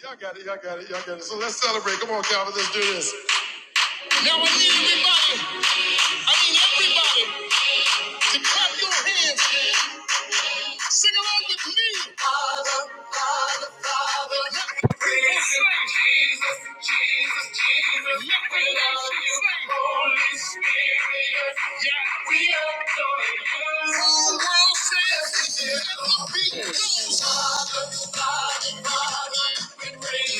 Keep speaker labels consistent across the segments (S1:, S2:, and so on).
S1: Y'all got it, y'all got it, y'all got it. So let's celebrate. Come on, Calvin, let's do this. Now I need everybody, I mean everybody, to clap your hands. Sing along with me. Father, Father, Father. Let me Jesus, Jesus, Jesus. Let me love you, Holy Spirit. Yeah, we adore you. Whole world says, let the beat goes. Father, Father, Father. we praise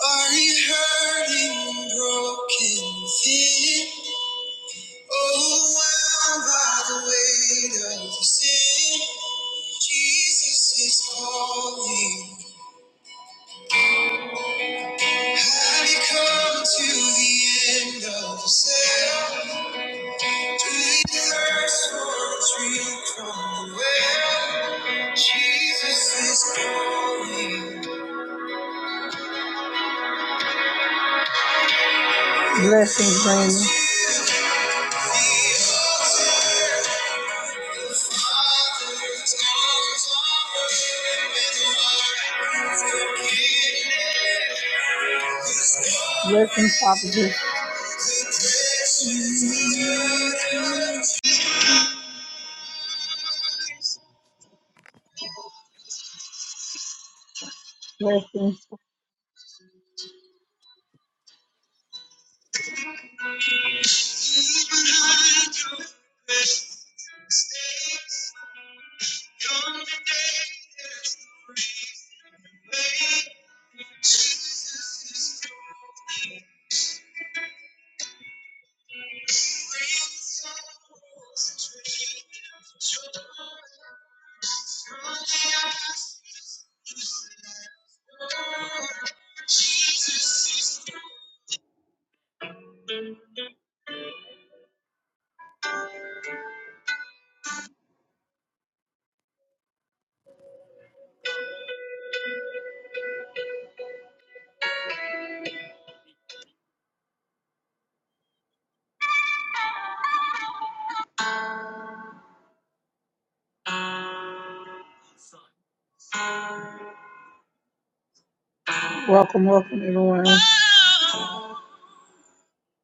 S1: Are you hurting, broken, thin? Overwhelmed by the weight of your sin? Jesus is calling. Have you come to the end of yourself? Do you thirst for a drink from the well? Jesus is calling. Blessings, Papa. Blessings. Welcome, welcome everyone.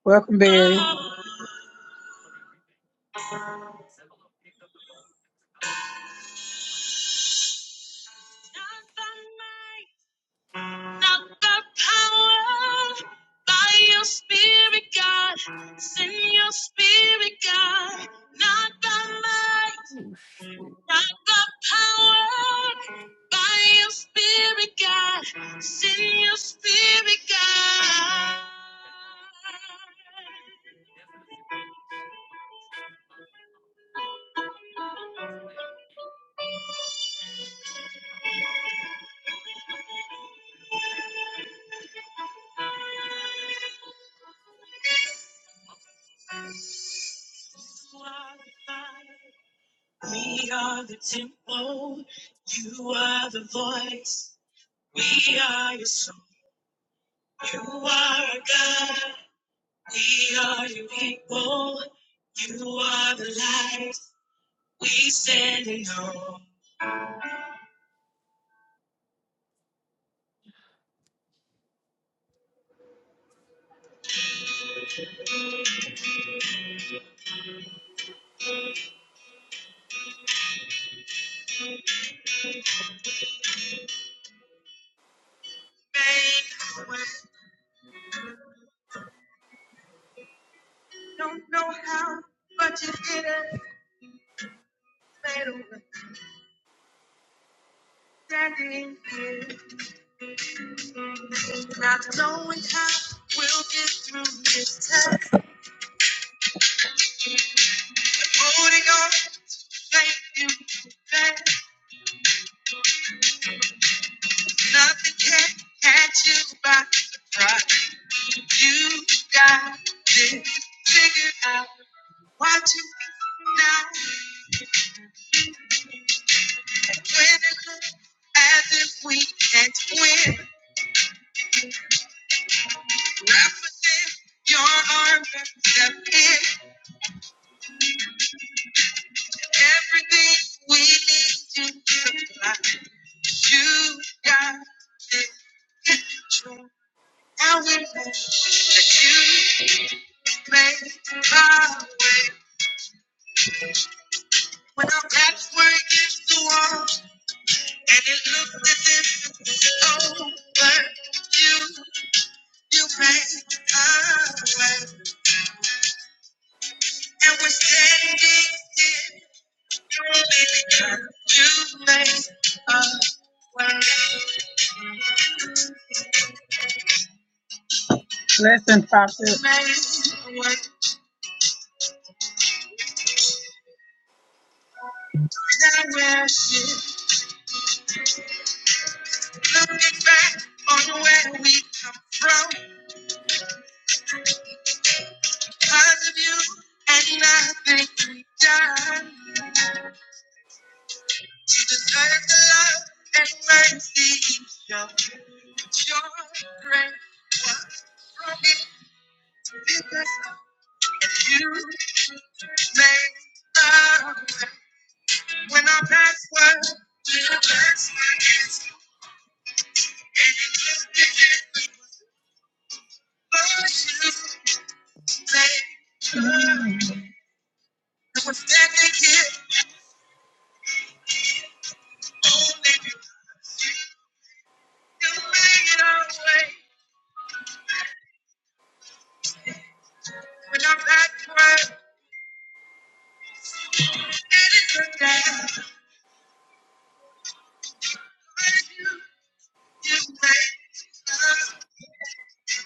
S1: Welcome, Barry. We are the temple. You are the voice. We are your song. You are our God. We are your people. You are the light. We stand in awe. Made a way. Don't know how, but you did it. Made a way. Standing, not knowing how we'll get through this test. Holding on, thank you. thank Nothing can catch you by surprise. You got this figured out. Watching now when it looks as if we can't win. Wrap within your arms and step in. Everything we need you to supply. You got this control. Now we know that you make my way. When our backs were against the wall. And it looked as if it was over. You, you ran away. And we're standing here only because you made a way. Listen, Prophet. Made a way. Now we're here looking back on where we come from. Because of you and nothing we've done to deserve the love and mercy you show.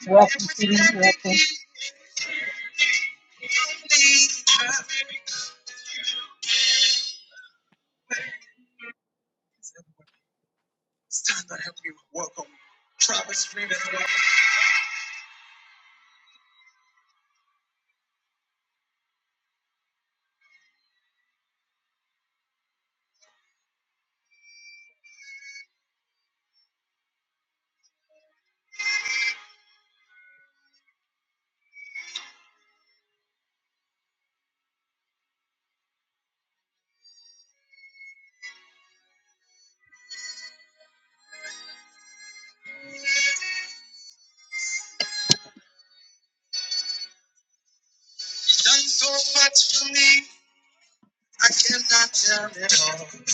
S1: Welcome, Steve. Welcome. Done so much for me, I cannot tell it all. If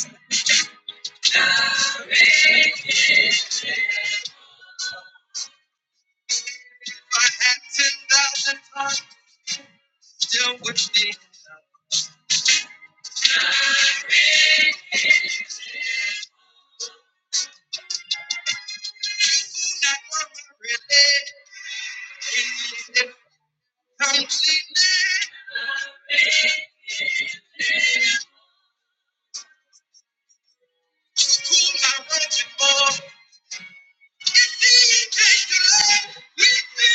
S1: I had 10,000 times, still would be enough. People that were really needed completely. To cool my world before, indeed, they could we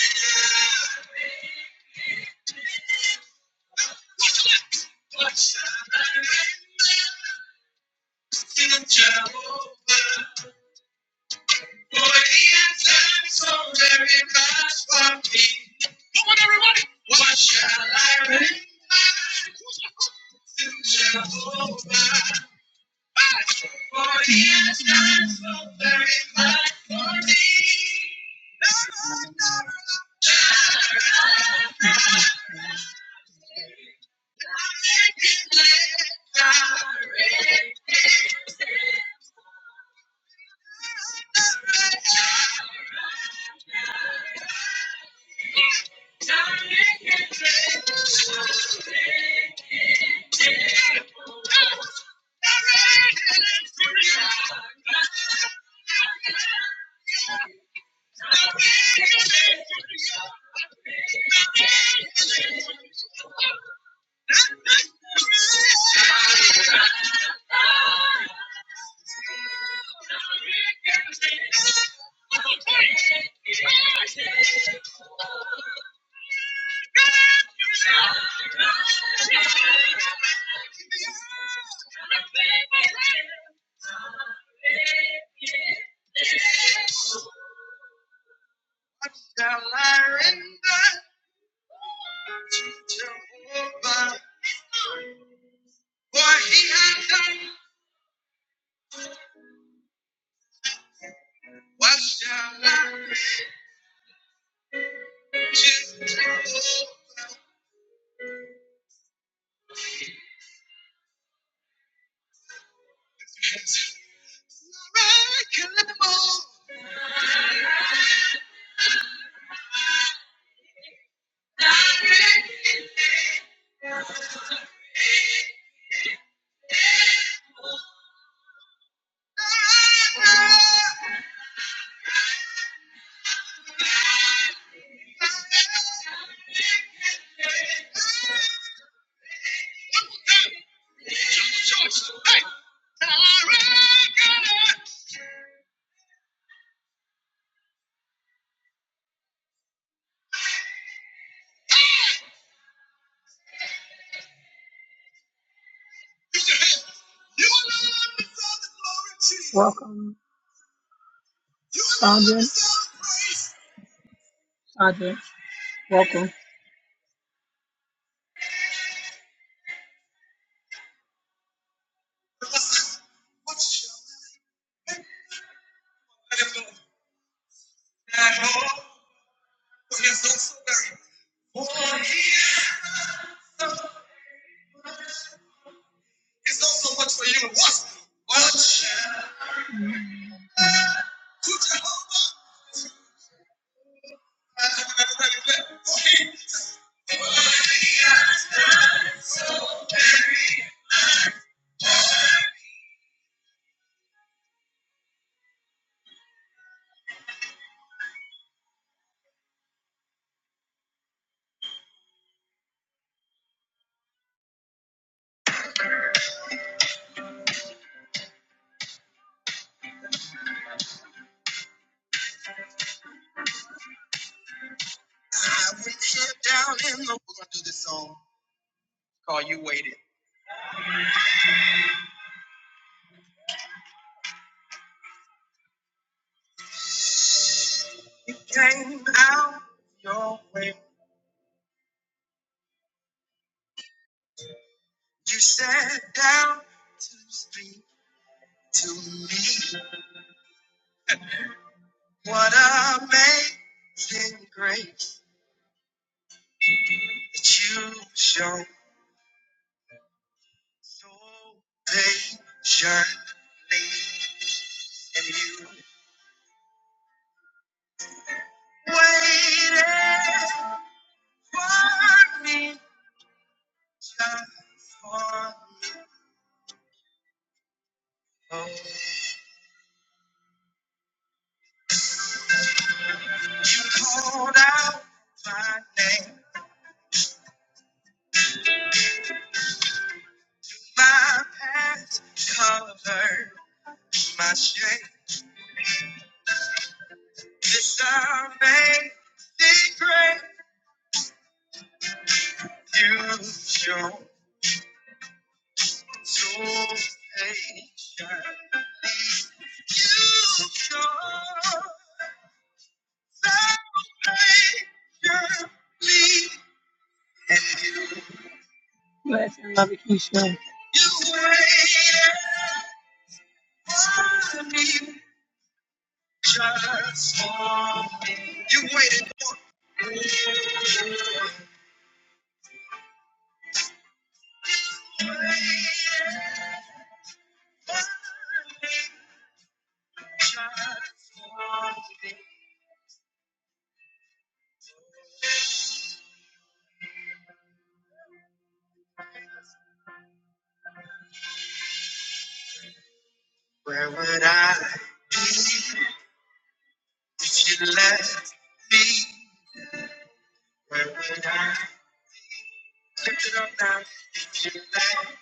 S1: in Jehovah, Boy, he has done so very much for me. What shall I render to Jehovah? For he has done so very much for me. What shall I render to Jehovah? For he has done. What shall I? render? Welcome, Sandra. Sandra, welcome. It's not so much for you. What? What? To Jehovah. I went head down in the. We're gonna do this song. Call you waited. You came out your way. You sat down to speak to me. What amazing grace that you show so patiently, and you waited for me. just one more. You called out my name, my past covered my shame. This amazing grace you show so patiently. You show so patiently, and you. Bless and love you, Keisha. You waited. Just for me. You waited for me. You waited for me. just for me. Where would I be if you left me? Where would I lift it up now if you left? me?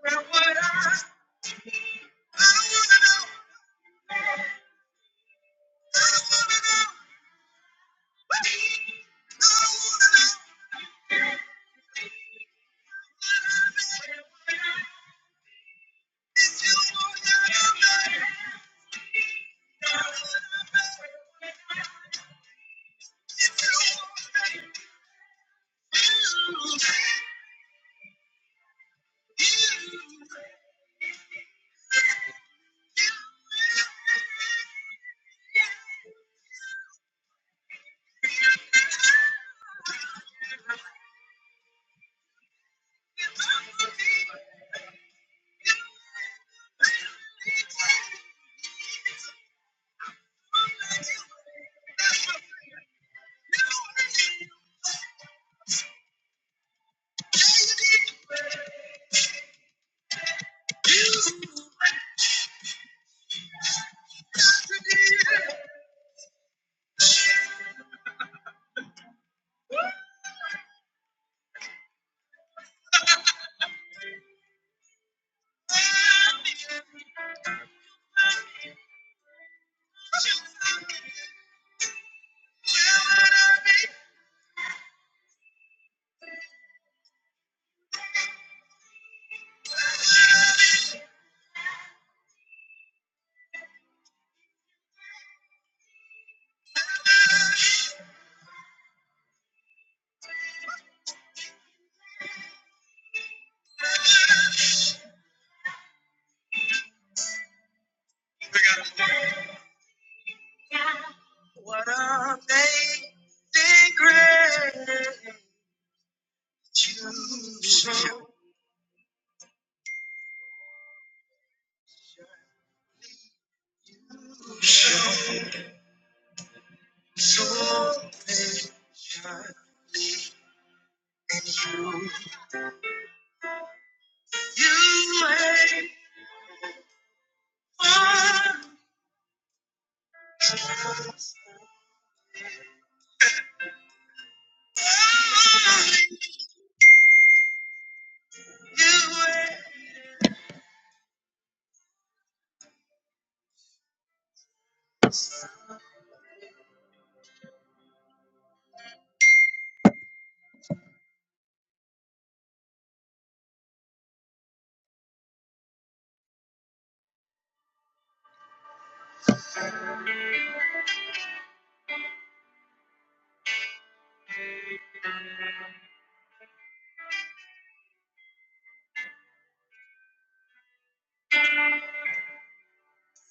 S1: Where would I? be? We got to What a amazing grace. You show your patience. And you, you wait for me. You wait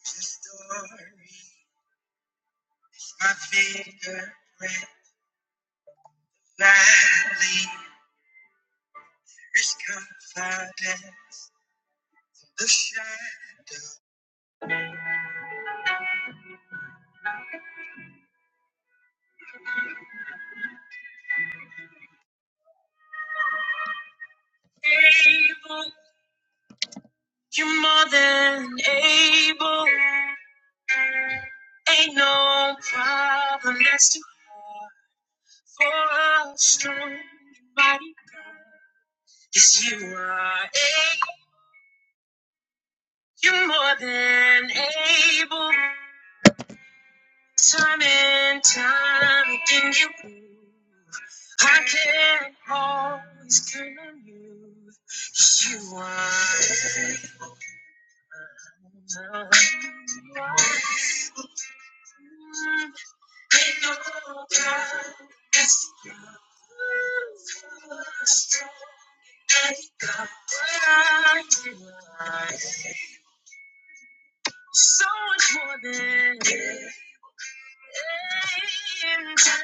S1: the stories. My fingerprint lightly is confided. The shadow. Able, you're more than able. Ain't no problem that's too hard for a Strong, mighty God. Yes, you are able. You're more than able. Time and time again, you prove I can always count on you. 'Cause you are able. You are able. Ain't no God that's strong. Ain't God. You are so much more than. faithful,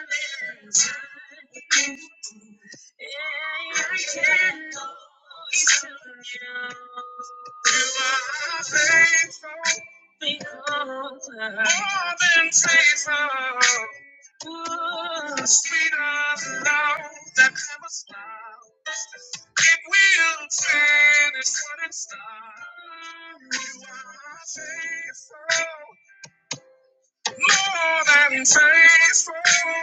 S1: More than faithful.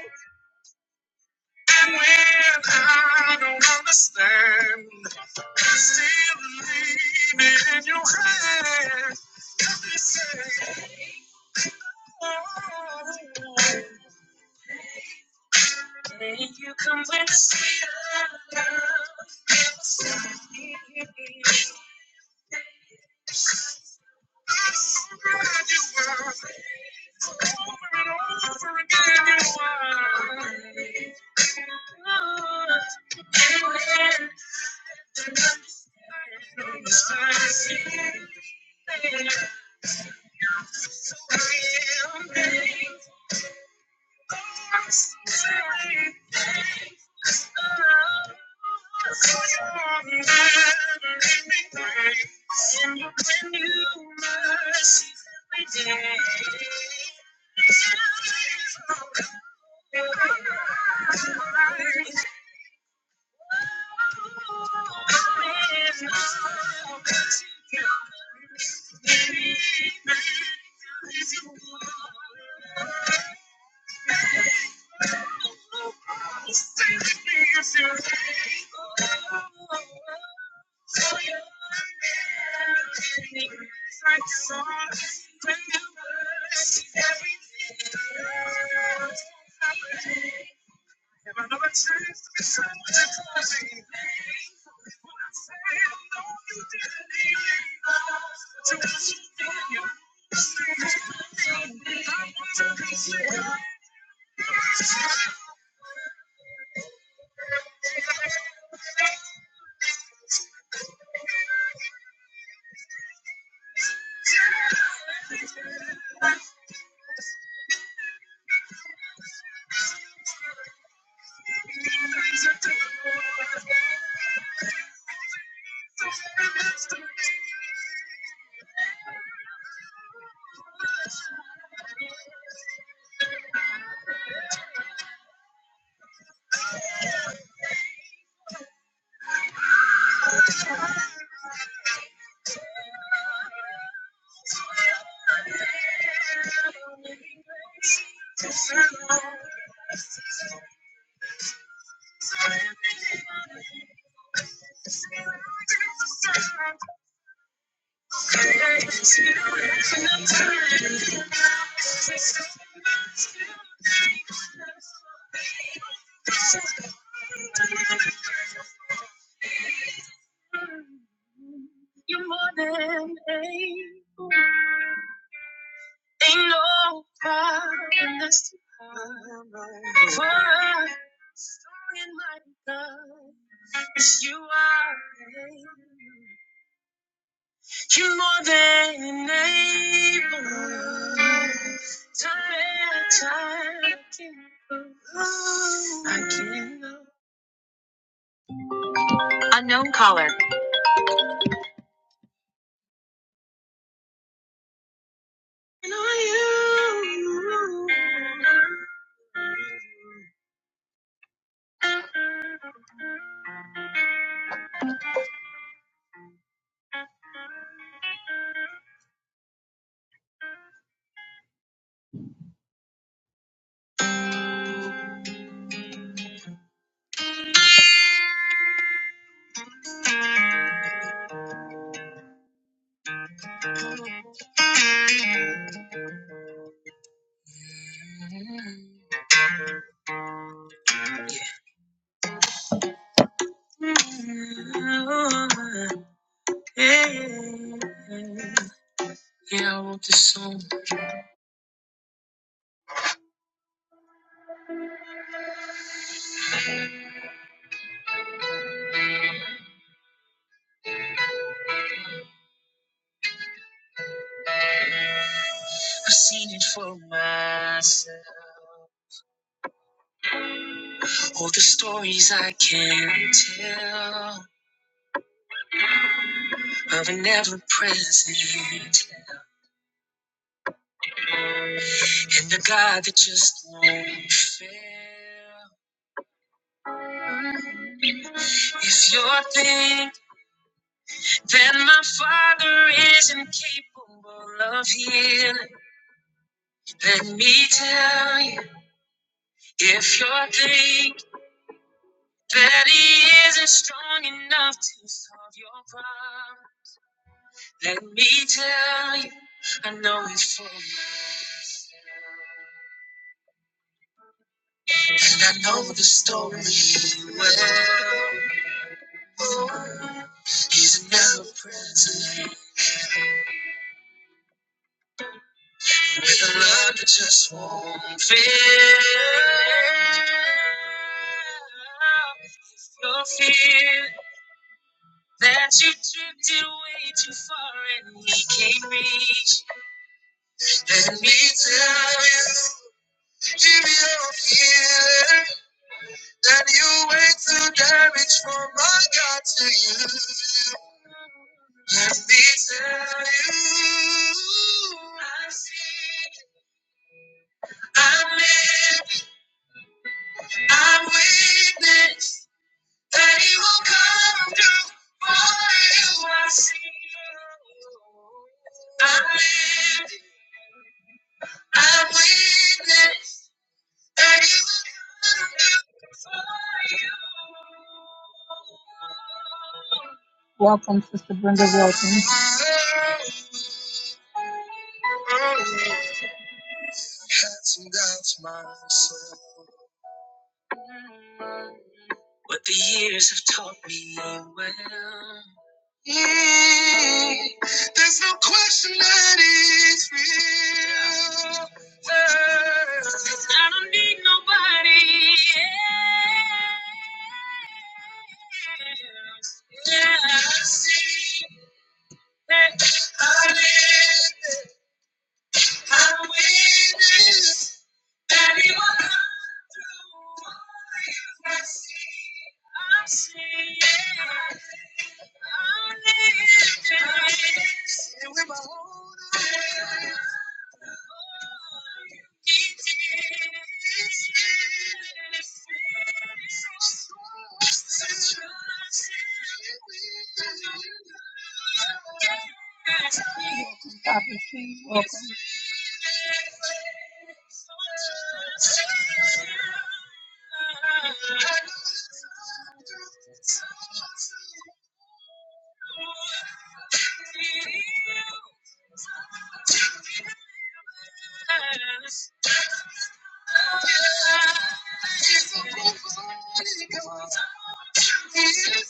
S1: And when I don't understand, I still believe in your hand. Help me say, oh, may you come with the sweet of love. Never stop me. So glad you were. Over and over again, you are. Good. and when. Thank you. Yes, you are. You're more than able Time let time go. I can go. I know you. Yeah, I wrote this song. I've seen it for myself. All the stories I can't tell of an ever present. And the God that just won't fail. If you're thinking that my father isn't capable of healing, let me tell you. If you're thinking that he isn't strong enough to solve your problem, let me tell you. I know it for myself. And I know the story well. He's never present. With a love that just won't fit. No fear that you drifted way too far and he can't reach. Let me tell you, give me will hear that you went through damage from my God to you. Let me tell you, I've seen, I'm living, I'm witness. that he will come through for you. I see, I live, I win, that he will come through. Welcome, Sister Brenda Wilson. some doubts myself, but the years have taught me well. Mm, There's no question that it's real. I don't need nobody else. Yeah. I see that I'm winning. That he will come through for you. I'm saying, I see, yeah. I need this. And with my whole heart, oh, he did. He did. He did. Welcome, Dr. C. Welcome.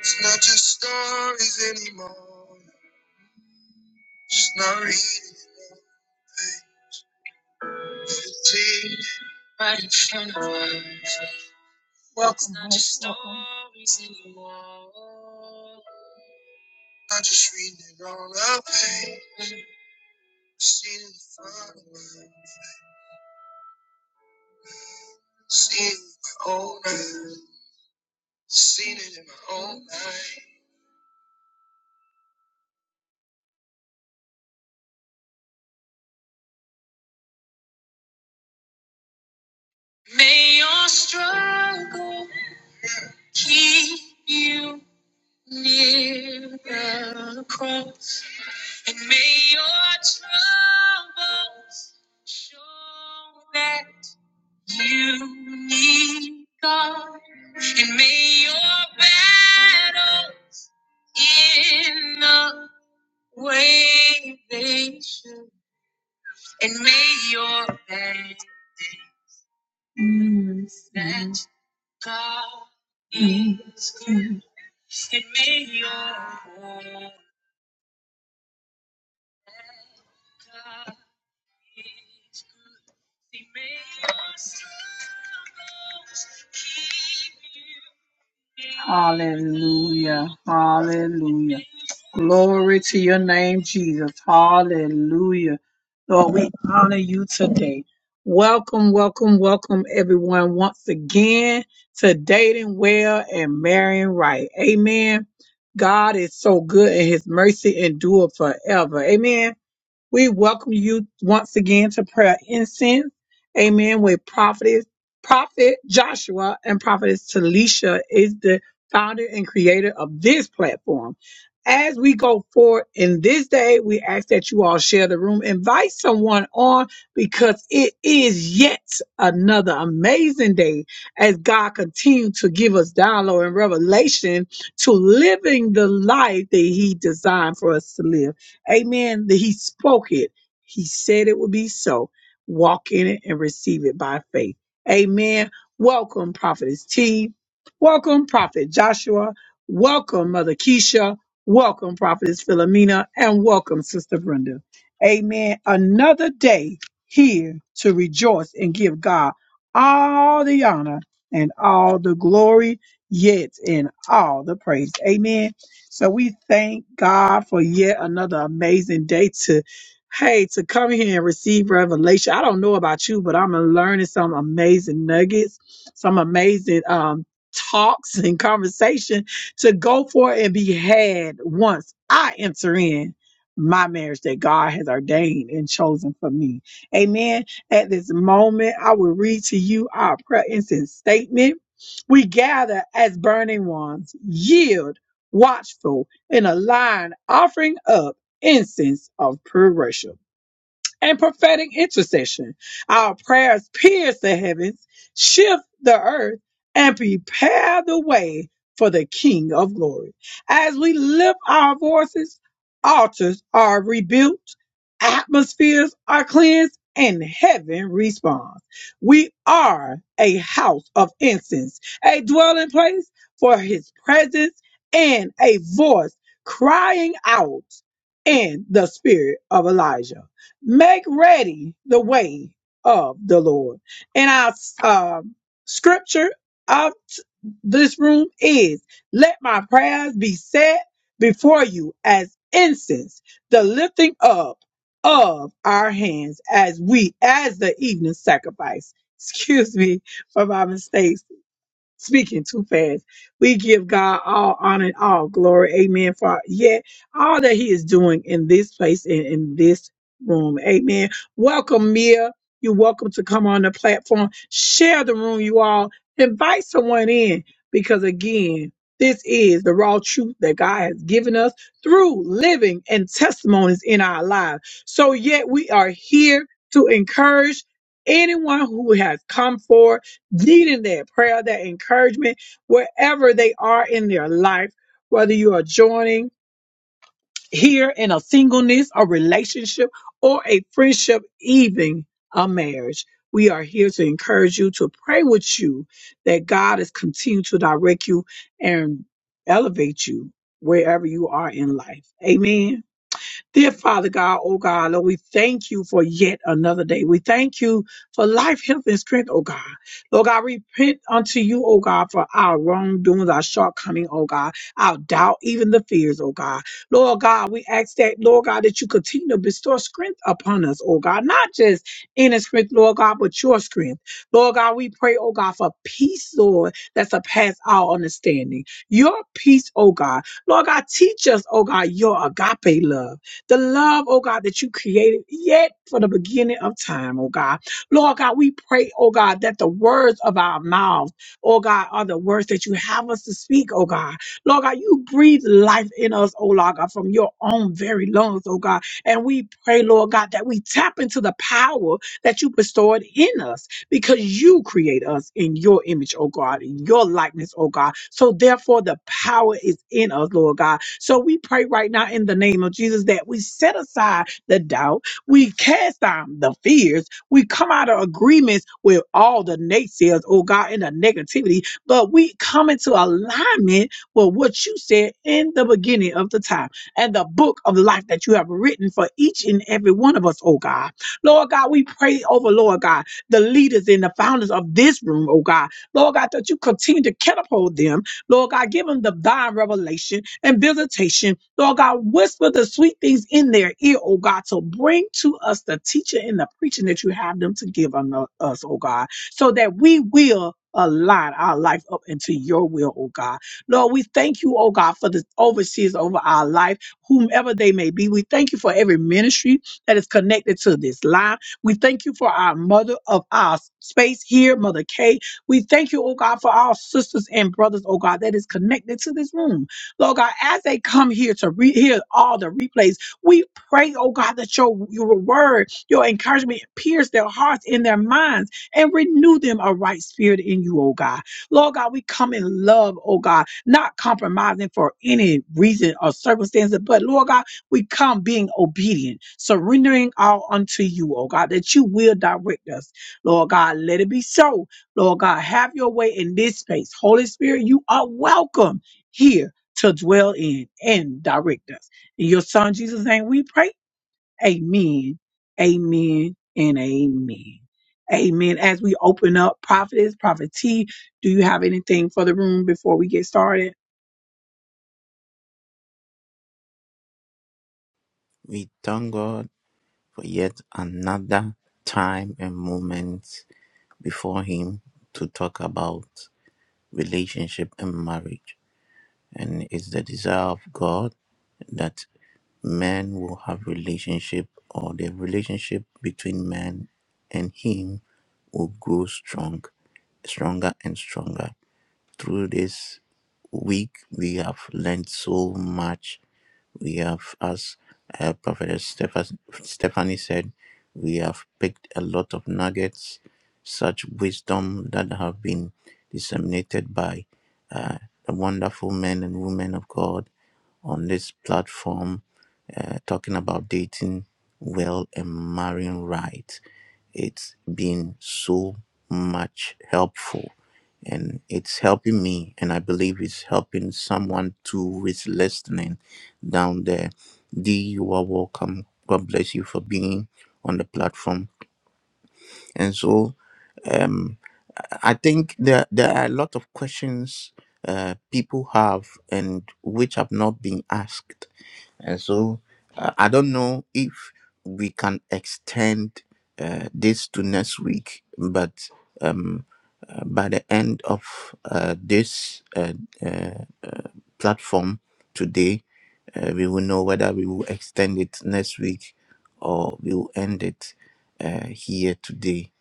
S1: It's not just stories anymore. It's not reading. right in front of our face. Welcome, not just welcome. I'm just reading it on a page. Seen it in front of us. Seen it in my own eyes. Seen it in my own life. May your struggle keep you near the cross. And may your troubles show that. You need God, and may your battle in the way they should, and may your bed Mm, that mm. God Mm, is good, mm. and may your hope God is good, and may your struggles keep you. Hallelujah. Hallelujah. Glory to your name, Jesus. Hallelujah. Lord, we honor you today. Welcome, welcome, welcome, everyone, once again to Dating Well and Marrying Right. Amen. God is so good and his mercy endure forever. Amen. We welcome you once again to prayer incense. Amen. With prophetess, prophet Joshua and prophetess Talisha is the founder and creator of this platform. As we go forward in this day, we ask that you all share the room, invite someone on because it is yet another amazing day as God continues to give us download and revelation to living the life that he designed for us to live. Amen. That he spoke it. He said it would be so. Walk in it and receive it by faith. Amen. Welcome, Prophetess T. Welcome, Prophet Joshua. Welcome, Mother Keisha. Welcome, Prophetess Philomena. And welcome, Sister Brenda. Amen. Another day here to rejoice and give God all the honor and all the glory, yet in all the praise. Amen. So we thank God for yet another amazing day to, hey, to come here and receive revelation. I don't know about you, but I'm learning some amazing nuggets, some amazing um, talks and conversation to go for and be had once I enter in my marriage that God has ordained and chosen for me. Amen. At this moment, I will read to you our prayer incense statement. We gather as burning ones, yield watchful, and a line offering up incense of pure worship and prophetic intercession. Our prayers pierce the heavens, shift the earth, and prepare the way for the King of glory. As we lift our voices, altars are rebuilt, atmospheres are cleansed, and heaven responds. We are a house of incense, a dwelling place for his presence, and a voice crying out in the spirit of Elijah. Make ready the way of the Lord. And our um, scripture of t- this room is let my prayers be set before you as incense, the lifting up of our hands as we, as the evening sacrifice. Excuse me for my mistakes speaking too fast. We give God all honor and all glory. Amen. For yet all that He is doing in this place and in this room. Amen. Welcome, Mia. You're welcome to come on the platform. Share the room, you all. Invite someone in because, again, this is the raw truth that God has given us through living and testimonies in our lives. So, yet, we are here to encourage anyone who has come forward needing that prayer, that encouragement, wherever they are in their life, whether you are joining here in a singleness, a relationship, or a friendship, even a marriage. We are here to encourage you, to pray with you, that God is continuing to direct you and elevate you wherever you are in life. Amen. Dear Father God, oh God, Lord, we thank you for yet another day. We thank you for life, health, and strength, oh God. Lord God, repent unto you, oh God, for our wrongdoings, our shortcoming, oh God, our doubt, even the fears, oh God. Lord God, we ask that, Lord God, that you continue to bestow strength upon us, oh God, not just inner strength, Lord God, but your strength. Lord God, we pray, oh God, for peace, Lord, that surpass our understanding. Your peace, oh God. Lord God, teach us, oh God, your agape love the love, oh God, that you created yet for the beginning of time, oh God. Lord God, we pray, oh God, that the words of our mouths, oh God, are the words that you have us to speak, oh God. Lord God, you breathe life in us, oh Lord God, from your own very lungs, oh God. And we pray, Lord God, that we tap into the power that you bestowed in us because you create us in your image, oh God, in your likeness, oh God. So therefore, the power is in us, Lord God so we pray right now in the name of Jesus that we set aside the doubt, we cast down the fears, we come out of agreements with all the naysayers, oh God, and the negativity, but we come into alignment with what you said in the beginning of the time and the book of life that you have written for each and every one of us, oh God. Lord God, we pray over, Lord God, the leaders and the founders of this room, oh God. Lord God, that you continue to catapult them Lord God, give them divine revelation and visitation. Lord God, whisper the sweet things in their ear, oh God, to bring to us the teaching and the preaching that you have them to give unto us, oh God, so that we will align our life up into your will, oh God. Lord, we thank you, oh God, for the overseers over our life, whomever they may be. We thank you for every ministry that is connected to this line. We thank you for our mother of our space here, Mother Kay. We thank you, oh God, for our sisters and brothers, oh God, that is connected to this room. Lord God, as they come here to re- hear all the replays, we pray, oh God, that your, your word, your encouragement pierce their hearts and their minds and renew them a right spirit in you, oh God. Lord God, we come in love, oh God, not compromising for any reason or circumstances, but Lord God, we come being obedient, surrendering all unto you, oh God, that you will direct us. Lord God, let it be so Lord God, have your way in this space. Holy Spirit, you are welcome here to dwell in and direct us. In your son Jesus' name, we pray. Amen. Amen and amen. Amen. As we open up, prophetess, prophet T, do you have anything for the room before we get started?
S2: We thank God for yet another time and moment before Him to talk about relationship and marriage. And it's the desire of God that men will have relationship or the relationship between man and Him will grow strong, stronger and stronger. Through this week, we have learned so much we have, as uh, Prophet Steph- Stephanie said, we have picked a lot of nuggets, such wisdom that have been disseminated by uh, the wonderful men and women of God on this platform, uh, talking about dating well and marrying right. It's been so much helpful and it's helping me and I believe it's helping someone too who is listening down there. D, you are welcome. God bless you for being on the platform. And so um, I think there, there are a lot of questions uh, people have and which have not been asked and so uh, I don't know if we can extend uh, this to next week, but um, uh, by the end of uh, this uh, uh, platform today, uh, we will know whether we will extend it next week or we will end it uh, here today.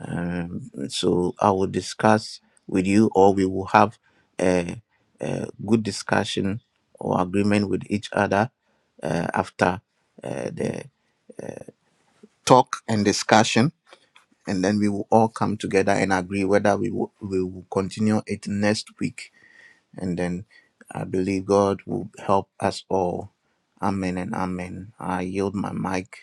S2: Um, so I will discuss with you, or we will have a, a good discussion or agreement with each other uh, after uh, the talk and discussion, and then we will all come together and agree whether we will, we will continue it next week. And then I believe God will help us all. Amen and amen. I yield my mic.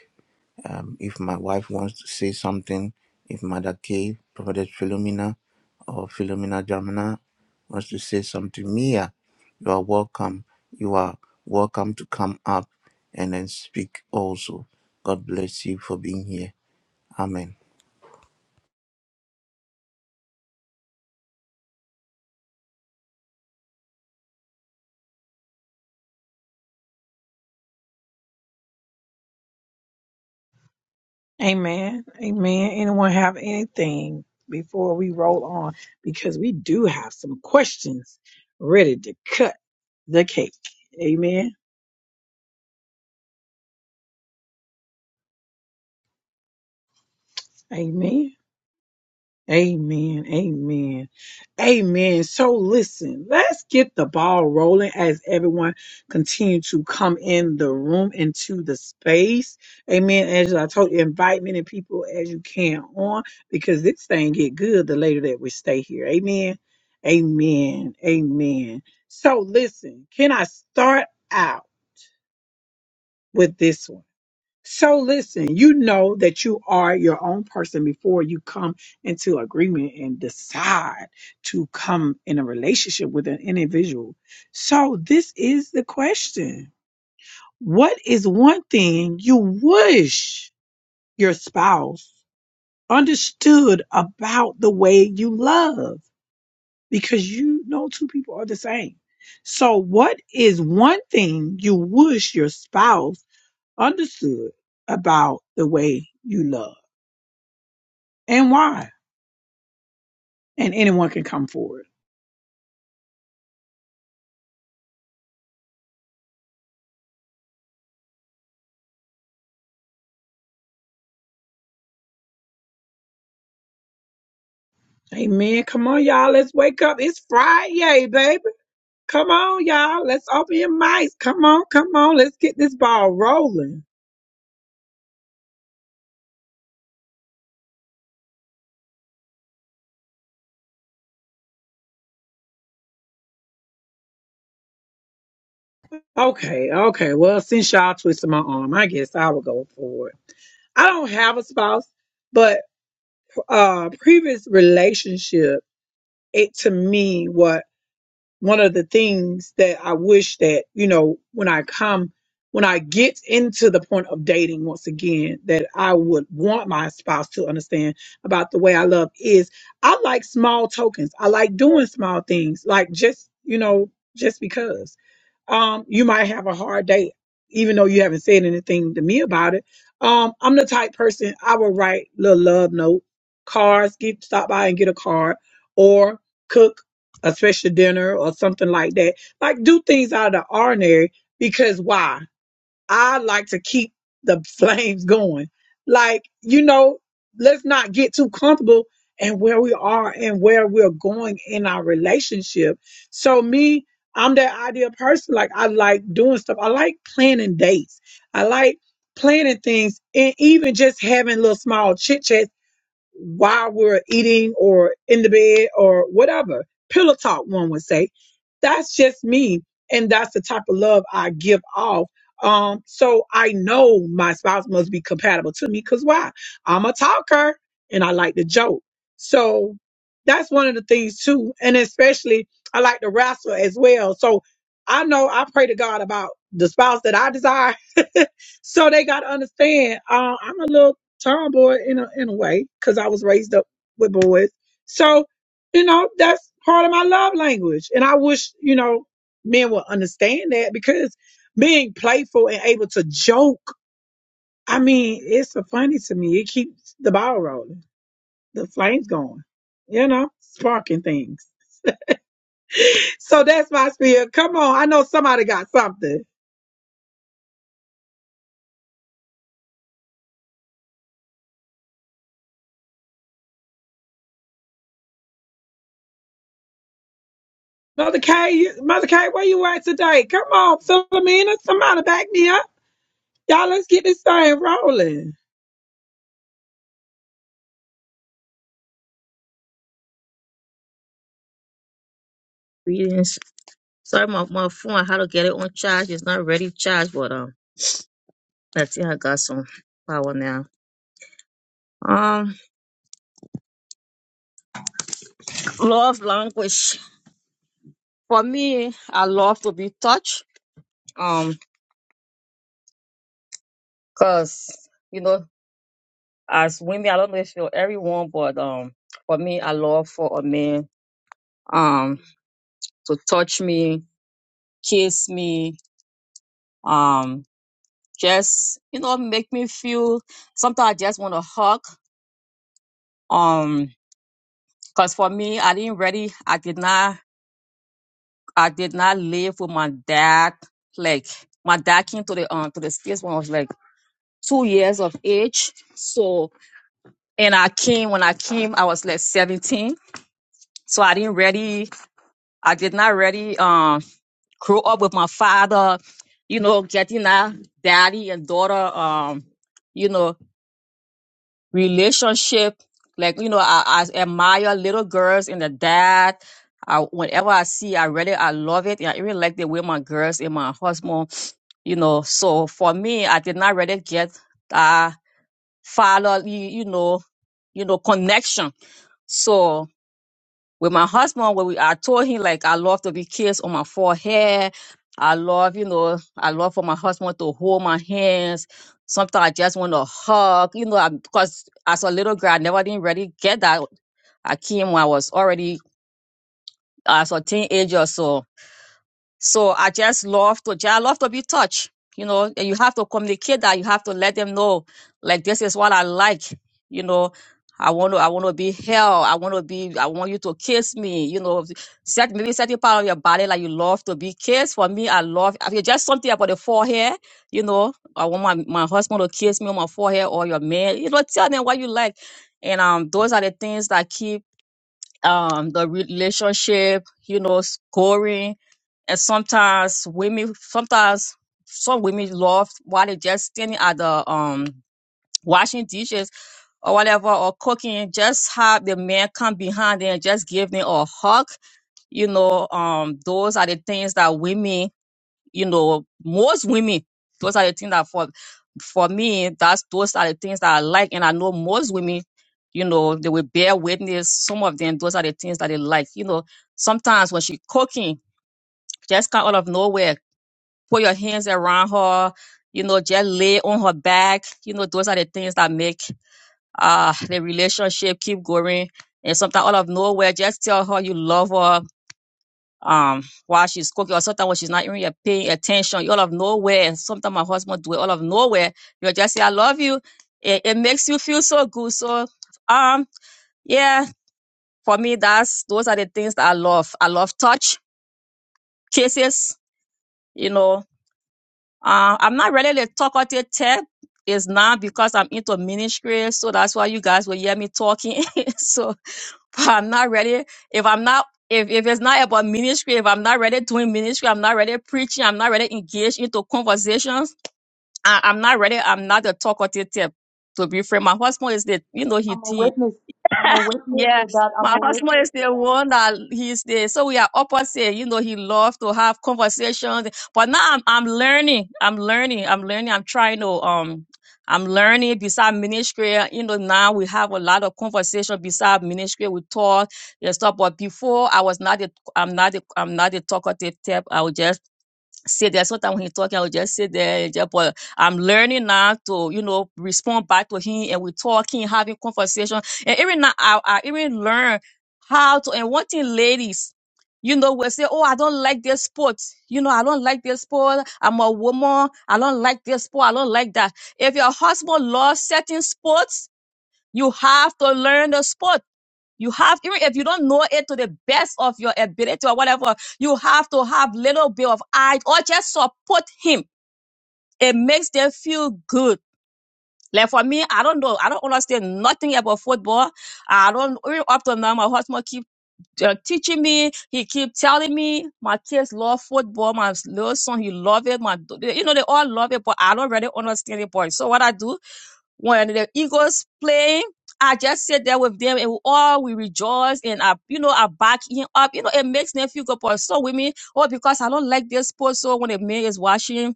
S2: Um, if my wife wants to say something, if Mother K, Prophetess Philomena, or Philomena Jamina wants to say something, Mia, you are welcome. You are welcome to come up and then speak also. God bless you for being here. Amen.
S1: Amen. Amen. Anyone have anything before we roll on? Because we do have some questions ready to cut the cake. Amen. Amen. Amen. Amen. Amen. So listen, let's get the ball rolling as everyone continue to come in the room into the space. Amen. As I told you, invite many people as you can on because this thing get good the later that we stay here. Amen. Amen. Amen. So listen, can I start out with this one? So listen, you know that you are your own person before you come into agreement and decide to come in a relationship with an individual. So this is the question. What is one thing you wish your spouse understood about the way you love? Because you know two people are the same. So what is one thing you wish your spouse understood about the way you love? and why? And anyone can come forward. Amen. Come on, y'all. Let's wake up. It's Friday, baby. Come on, y'all. Let's open your mics. Come on, come on. Let's get this ball rolling. Okay, okay. Well, since y'all twisted my arm, I guess I will go forward. I don't have a spouse, but. uh previous relationship it to me was one of the things that I wish that, you know, when I come, when I get into the point of dating once again, that I would want my spouse to understand about the way I love is I like small tokens. I like doing small things, like just, you know, just because. Um, you might have a hard day, even though you haven't said anything to me about it. Um, I'm the type person I will write little love note, cards, get stop by and get a card, or cook a special dinner or something like that. Like do things out of the ordinary because why? I like to keep the flames going. Like, you know, let's not get too comfortable in where we are and where we're going in our relationship. So me, I'm that ideal person. Like I like doing stuff. I like planning dates. I like planning things and even just having little small chit chats while we're eating or in the bed or whatever. Pillow talk, one would say. That's just me. And that's the type of love I give off. Um, so I know my spouse must be compatible to me because why? I'm a talker and I like to joke. So that's one of the things too. And especially I like to wrestle as well. So I know I pray to God about the spouse that I desire. so they got to understand uh, I'm a little Tomboy, in a in a way, because I was raised up with boys. So, you know, that's part of my love language. And I wish, you know, men would understand that because being playful and able to joke, I mean, it's so funny to me. It keeps the ball rolling, the flames going, you know, sparking things. So that's my spirit. Come on. I know somebody got something. Mother K, you- Mother K, where you at today? Come on, Philomena, somebody back me up. Y'all, let's get this thing rolling.
S3: Greetings. Sorry, my, my phone, I had to get it on charge. It's not ready to charge, but um, I think I got some power now. Um, love language. For me, I love to be touched. Um, cause, you know, as women, I don't know if you're everyone, but um, for me, I love for a man, um, to touch me, kiss me, um, just, you know, make me feel, sometimes I just want to hug. Um, cause for me, I didn't ready, I did not I did not live with my dad. Like my dad came to the um to the states when I was like two years of age. So and I came when I came, I was like seventeen. So I didn't really, I did not really um grow up with my father. You know, getting that daddy and daughter um you know relationship. Like, you know, I, I admire little girls and the dad. I, whenever I see, I really, I love it. And I even like the way my girls and my husband, you know. So for me, I did not really get that father, you, you know, you know, connection. So with my husband when we I told him like I love to be kissed on my forehead. I love, you know, I love for my husband to hold my hands. Sometimes I just want to hug, you know, I, because as a little girl I never didn't really get that. I came when I was already as a teenager, so so I just love to just love to be touched. You know, and you have to communicate that. You have to let them know, like this is what I like. You know, I want to I want to be held. I want to be. I want you to kiss me. You know, set maybe certain part of your body like you love to be kissed. For me, I love. I mean, just something about the forehead. You know, I want my my husband to kiss me on my forehead or your man. You know, tell them what you like, and um, those are the things that keep um the relationship you know scoring and sometimes women sometimes some women love while they just standing at the um washing dishes or whatever or cooking just have the man come behind them and just give them a hug you know um those are the things that women you know, most women, those are the things that for for me, that's those are the things that I like. And I know most women, you know, they will bear witness. Some of them, those are the things that they like. You know, sometimes when she cooking, just come out of nowhere, put your hands around her, you know, just lay on her back. You know, those are the things that make uh the relationship keep going. And sometimes out of nowhere, just tell her you love her um while she's cooking or sometimes when she's not even you're paying attention you all of nowhere sometimes my husband do it all of nowhere you just say i love you it, it makes you feel so good so um yeah for me that's those are the things that i love i love touch kisses you know uh, i'm not really the talkative type it's not because i'm into ministry so that's why you guys will hear me talking so If I'm not ready, if I'm not, if, if it's not about ministry, if I'm not ready doing ministry, I'm not ready preaching, I'm not ready engaged into conversations, I, I'm not ready, I'm not the talkative type. To be frank, my husband is the, you know, he,
S4: I'm a
S3: he
S4: witness. I'm a witness to
S3: Yes,
S4: that. I'm
S3: my
S4: a
S3: husband
S4: witness
S3: is
S4: to
S3: the
S4: that.
S3: one that he's the so we are opposite. You know, he loves to have conversations, but now I'm I'm learning. I'm learning. I'm learning. I'm trying to um. I'm learning beside ministry. You know, now we have a lot of conversation beside ministry. We talk and stuff. But before, I was not. A, I'm not. A, I'm not a talkative type. I was just Say there. Sometimes when he talking, I will just sit there and just but I'm learning now to, you know, respond back to him and we're talking, having conversation. And even now I, I even learn how to and one thing ladies, you know, will say, Oh, I don't like this sport. You know, I don't like this sport. I'm a woman. I don't like this sport. I don't like that. If your husband loves certain sports, you have to learn the sport you have, even if you don't know it to the best of your ability or whatever, you have to have little bit of eye or just support him. It makes them feel good. Like for me, I don't know. I don't understand nothing about football. I don't, even up to now, my husband keep uh, teaching me. He keep telling me my kids love football. My little son, he love it. My, you know, they all love it, but I don't really understand it. But so what I do, when the Eagles play, I just sit there with them and we all we rejoice and I, you know, I back him up. You know, it makes them feel good. But so with me, oh, because I don't like this sport. So when the man is watching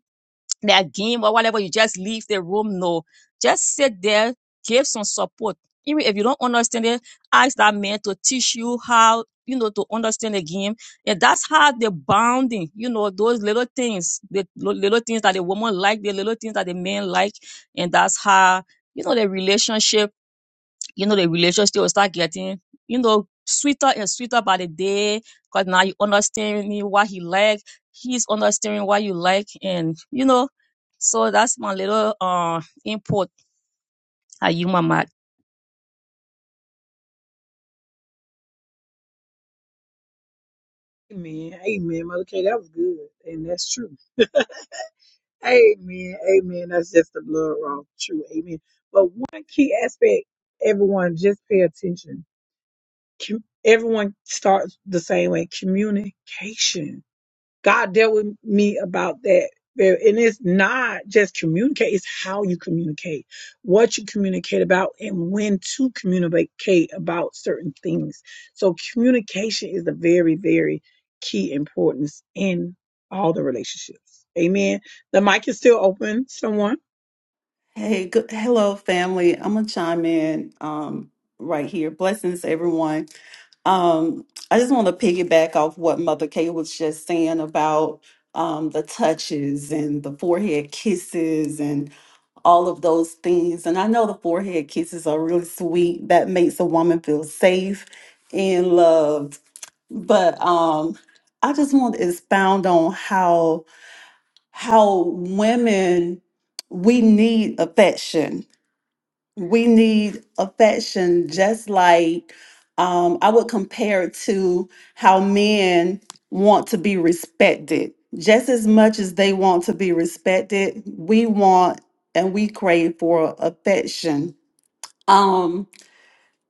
S3: their game or whatever, you just leave the room. No, just sit there, give some support. Even if you don't understand it, ask that man to teach you how, you know, to understand the game. And that's how the bonding, you know, those little things, the lo- little things that the woman like, the little things that the man like. And that's how, you know, the relationship you know, the relationship will start getting, you know, sweeter and sweeter by the day. Cause now you understanding what he like. He's understanding what you like. And, you know, so that's my little, uh, input. Are you my mic?
S1: Amen. Amen. Mother K, that was good. And that's true. Amen. Amen. That's just the blood raw. True. Amen. But one key aspect, everyone just pay attention. Com- Everyone starts the same way. Communication. God dealt with me about that. There- And it's not just communicate, it's how you communicate, what you communicate about, and when to communicate about certain things. So, communication is a very, very key importance in all the relationships. Amen. The mic is still open. Someone.
S5: Hey, good, hello, family. I'm gonna chime in um, right here. Blessings, everyone. Um, I just want to piggyback off what Mother Kay was just saying about um, the touches and the forehead kisses and all of those things. And I know the forehead kisses are really sweet. That makes a woman feel safe and loved. But um, I just want to expound on how how women we need affection. We need affection just like um, I would compare it to how men want to be respected. Just as much as they want to be respected, we want and we crave for affection. Um,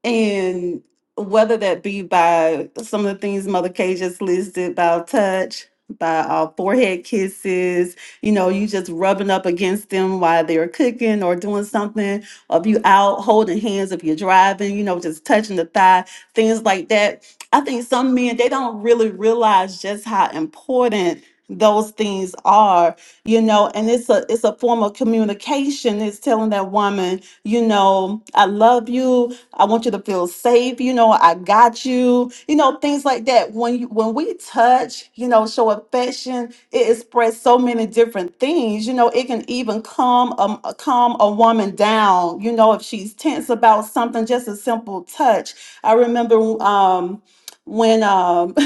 S5: and whether that be by some of the things Mother K just listed, by touch, by uh, forehead kisses, you know, you just rubbing up against them while they're cooking or doing something, or if you out holding hands, if you're driving, you know, just touching the thigh, things like that. I think some men, they don't really realize just how important those things are you know and it's a it's a form of communication it's telling that woman you know i love you I want you to feel safe. You know, I got you. You know, things like that. When you when we touch, you know, show affection, it expresses so many different things. You know, it can even calm um calm a woman down. You know, if she's tense about something, just a simple touch. I remember um when um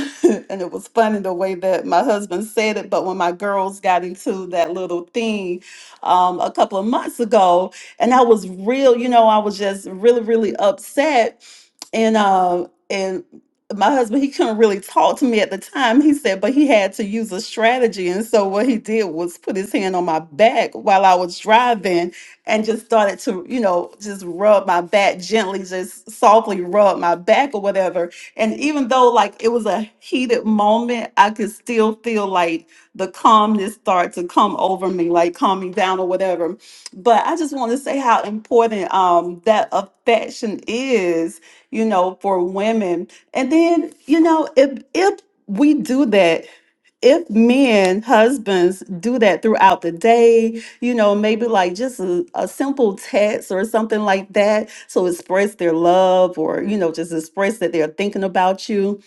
S5: and it was funny the way that my husband said it but when my girls got into that little thing um a couple of months ago and I was real, you know, I was just really, really upset. And um and my husband, he couldn't really talk to me at the time. He said, but he had to use a strategy. And so what he did was put his hand on my back while I was driving and just started to, you know, just rub my back gently, just softly rub my back or whatever. And even though like it was a heated moment, I could still feel like the calmness start to come over me, like calm me down or whatever but I just want to say how important um, that affection is, you know, for women. And then, you know, if if we do that, if men, husbands do that throughout the day, you know, maybe like just a, a simple text or something like that, so express their love or you know, just express that they're thinking about you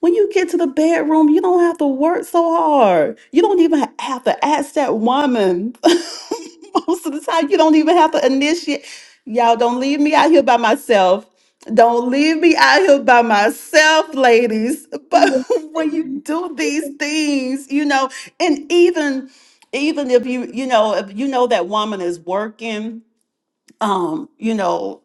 S5: when you get to the bedroom, you don't have to work so hard. You don't even ha- have to ask that woman. Most of the time, you don't even have to initiate. Y'all, don't leave me out here by myself. Don't leave me out here by myself, ladies. But
S1: Amen.
S5: when you
S1: Amen.
S5: do these
S1: Amen.
S5: things, you know, and even even if you you know if you know that woman is working, um, you know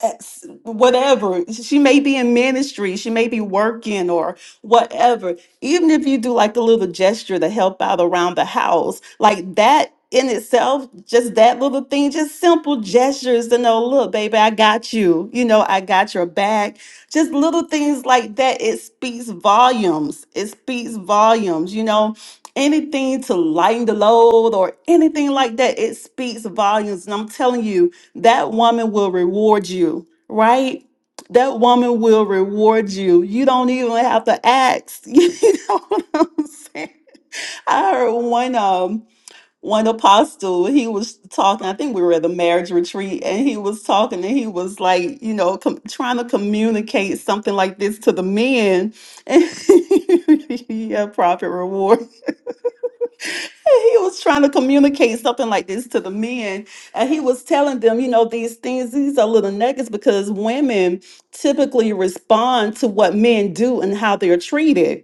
S5: ex- whatever she may be in ministry she may be working or whatever even if you do like a little gesture to help out around the house like that in itself just that little thing just simple gestures to know look baby i got you you know i got your back just little things like that it speaks volumes it speaks volumes you know anything to lighten the load or anything like that it speaks volumes and i'm telling you that woman will reward you, right? That woman will reward you. You don't even have to ask. You know what I'm saying? I heard one um one apostle, he was talking, I think we were at the marriage retreat, and he was talking and he was like, you know, com- trying to communicate something like this to the men. And yeah, profit reward. he was trying to communicate something like this to the men and he was telling them you know these things these are little nuggets because women typically respond to what men do and how they're treated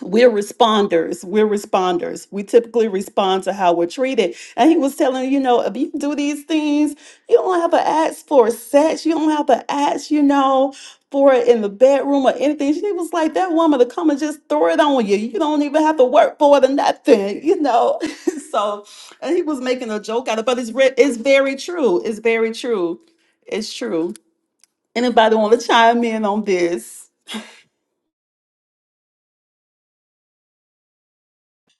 S5: we're responders. We're responders. We typically respond to how we're treated. And he was telling, you know, if you do these things, you don't have to ask for sex. You don't have to ask, you know, for it in the bedroom or anything. She was like, that woman to come and just throw it on you. You don't even have to work for it or nothing, you know. so and he was making a joke out of it, but it's re- it's very true. It's very true. It's true. Anybody want to chime in on this?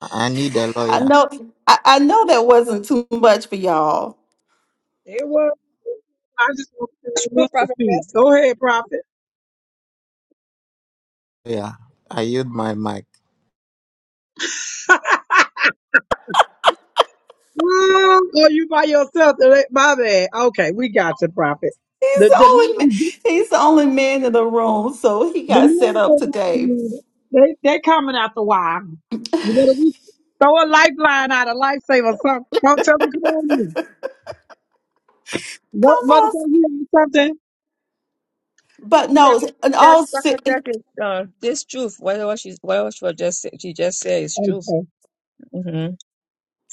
S2: I I need a
S5: I
S2: lawyer.
S5: know I, I know that wasn't too much for y'all.
S1: It was. I just want
S3: True
S1: to speak.
S3: prophetess.
S1: Go ahead, Prophet.
S2: Yeah. I yield my mic.
S1: Well, oh, you by yourself. today? My bad. Okay, we got you, Prophet.
S5: He's
S1: The
S5: the
S1: the
S5: only ma-
S1: the,
S5: he's the only man in the room, so he
S1: the
S5: got set
S1: men
S5: up
S1: go down
S5: today.
S1: in there, they they coming out the wire. You better we throw a lifeline out, a lifesaver, something. Don't tell them come on in.
S5: Come
S1: No, mother,
S5: on.
S1: can you hear me something?
S5: But
S3: True
S5: no, in all
S3: prophetess,
S5: se- in
S3: prophetess is, uh, this truth. Whatever she's whatever she was just she just said is truth.
S1: Okay,
S3: Mm-hmm.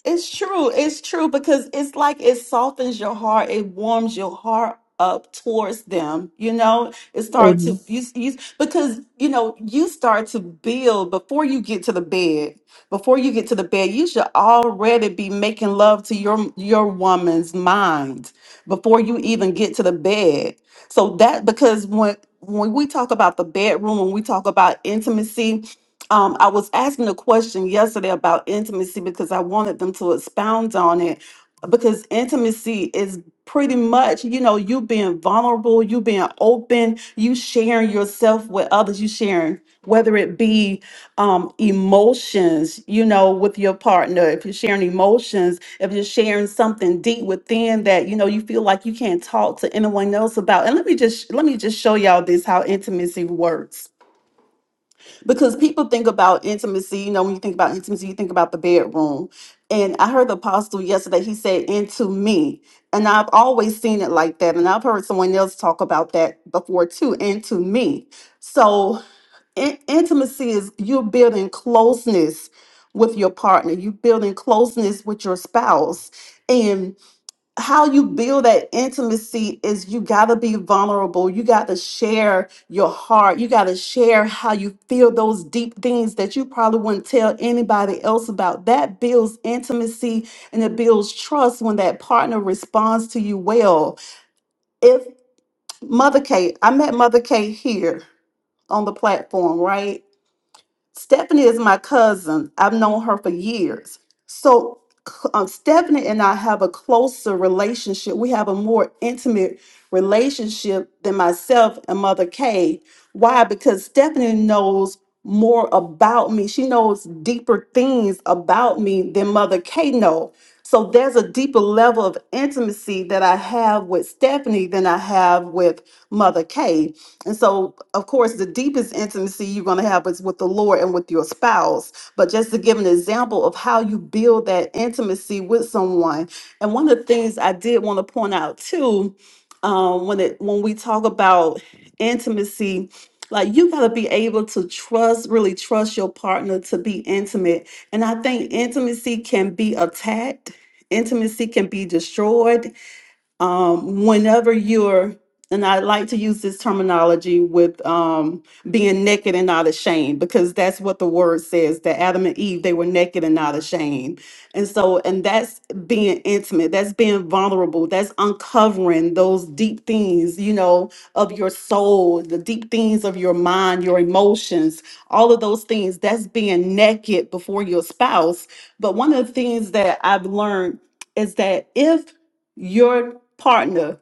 S5: It's true. It's true because it's like it softens your heart. It warms your heart up towards them. You know, it starts to you, you because you know you start to build before you get to the bed. Before you get to the bed, you should already be making love to your your woman's mind before you even get to the bed. So that because when when we talk about the bedroom, when we talk about intimacy, um, I was asking a question yesterday about intimacy because I wanted them to expound on it. Because intimacy is pretty much, you know, you being vulnerable, you being open, you sharing yourself with others, you sharing, whether it be um, emotions, you know, with your partner, if you're sharing emotions, if you're sharing something deep within that, you know, you feel like you can't talk to anyone else about. And let me just, let me just show y'all this how intimacy works because people think about intimacy you know when you think about intimacy you think about the bedroom and i heard the apostle yesterday he said into me and i've always seen it like that and i've heard someone else talk about that before too into me so in- intimacy is you're building closeness with your partner you're building closeness with your spouse how you build that intimacy is you got to be vulnerable. You got to share your heart. You got to share how you feel those deep things that you probably wouldn't tell anybody else about. That builds intimacy and it builds trust when that partner responds to you well. If Mother Kate, I met Mother Kate here on the platform, right? Stephanie is my cousin. I've known her for years. So c- um, Stephanie and I have a closer relationship. We have a more intimate relationship than myself and Mother Kay. Why? Because Stephanie knows more about me. She knows deeper things about me than Mother Kay know. So there's a deeper level of intimacy that I have with Stephanie than I have with Mother Kay. And so, of course, the deepest intimacy you're going to have is with the Lord and with your spouse. But just to give an example of how you build that intimacy with someone, and one of the things I did want to point out too, um, when it when we talk about intimacy, like you got to be able to trust, really trust your partner to be intimate. And I think intimacy can be attacked. Intimacy can be destroyed um, whenever you're and i like to use this terminology with um, being naked and not ashamed because that's what the word says that adam and eve they were naked and not ashamed and so and that's being intimate that's being vulnerable that's uncovering those deep things you know of your soul the deep things of your mind your emotions all of those things that's being naked before your spouse but one of the things that i've learned is that if your partner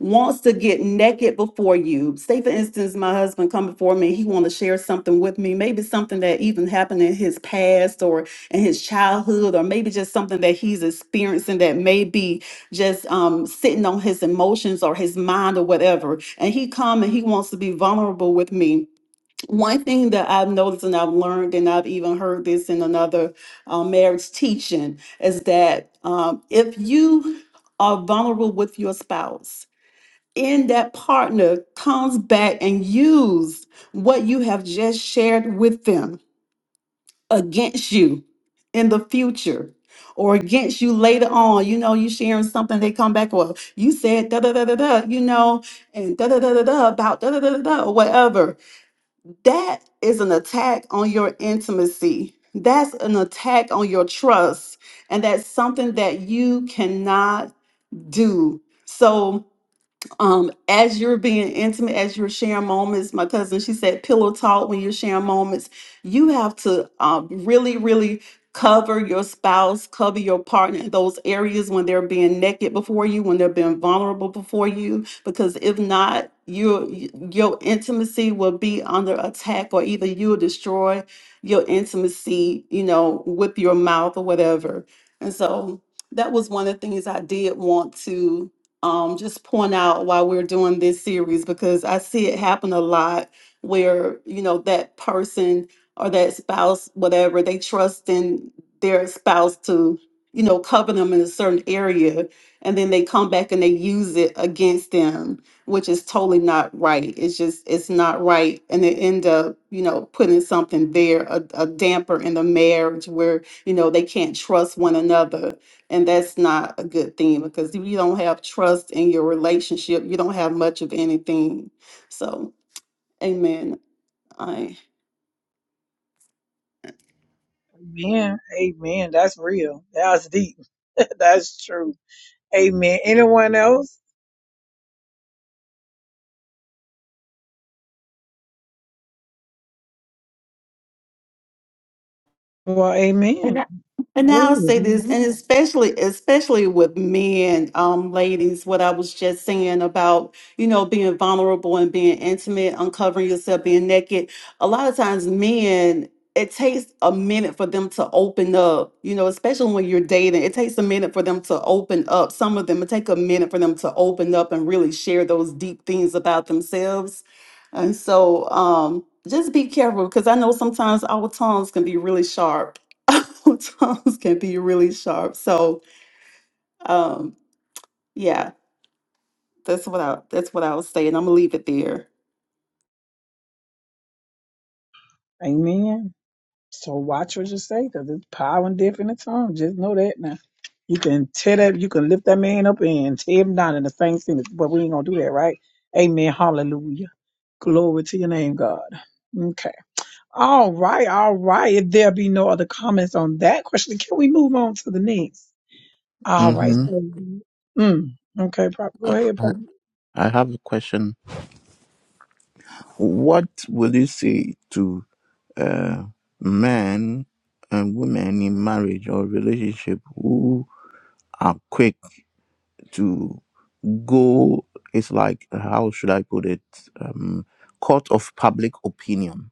S5: wants to get naked before you say for instance my husband come before me he want to share something with me maybe something that even happened in his past or in his childhood or maybe just something that he's experiencing that may be just um, sitting on his emotions or his mind or whatever and he come and he wants to be vulnerable with me one thing that I've noticed and I've learned, and I've even heard this in another uh, marriage teaching, is that um, if you are vulnerable with your spouse, and that partner comes back and use what you have just shared with them against you in the future or against you later on, you know, you sharing something, they come back, well, you said da da da da da, you know, and da da da da da about da da da da da, or whatever that is an attack on your intimacy. That's an attack on your trust. And that's something that you cannot do. So, um, as you're being intimate, as you're sharing moments, my cousin, she said, pillow talk when you're sharing moments, you have to um, really, really cover your spouse, cover your partner in those areas when they're being naked before you, when they're being vulnerable before you, because if not, your your intimacy will be under attack, or either you'll destroy your intimacy, you know, with your mouth or whatever. And so that was one of the things I did want to um, just point out why we're doing this series because I see it happen a lot where, you know, that person or that spouse, whatever, they trust in their spouse to, you know, cover them in a certain area. And then they come back and they use it against them, which is totally not right. It's just, it's not right. And they end up, you know, putting something there, a, a damper in the marriage where, you know, they can't trust one another and that's not a good thing because if you don't have trust in your relationship, you don't have much of anything. So, amen. I and I- and I'll say
S1: amen.
S5: this, and especially especially with men, um, ladies, what I was just saying about, you know, being vulnerable and being intimate, uncovering yourself, being naked. A lot of times men, it takes a minute for them to open up, you know, especially when you're dating. It takes a minute for them to open up. Some of them it take a minute for them to open up and really share those deep things about themselves. And so um just be careful because I know sometimes our tongues can be really sharp tongues can be really sharp. So, um, yeah, that's what I that's what I was saying. I'm gonna leave it there.
S1: Amen. So watch what you say, because it's power and death in the tongue. Just know that now. You can tear that, you can lift that man up and tear him down in the same sentence, but we ain't gonna do that, right? Amen. Hallelujah. Glory to your name, God. Okay. All right, all right. If there be no other comments on that question, can we move on to the next? All right.
S2: Mm-hmm.
S1: so- Mm, okay, Prop. Go ahead,
S2: I
S1: Prop.
S2: I have a question. What will you say to uh, men and women in marriage or relationship who are quick to go? It's like how should I put it? Um, court of public opinion.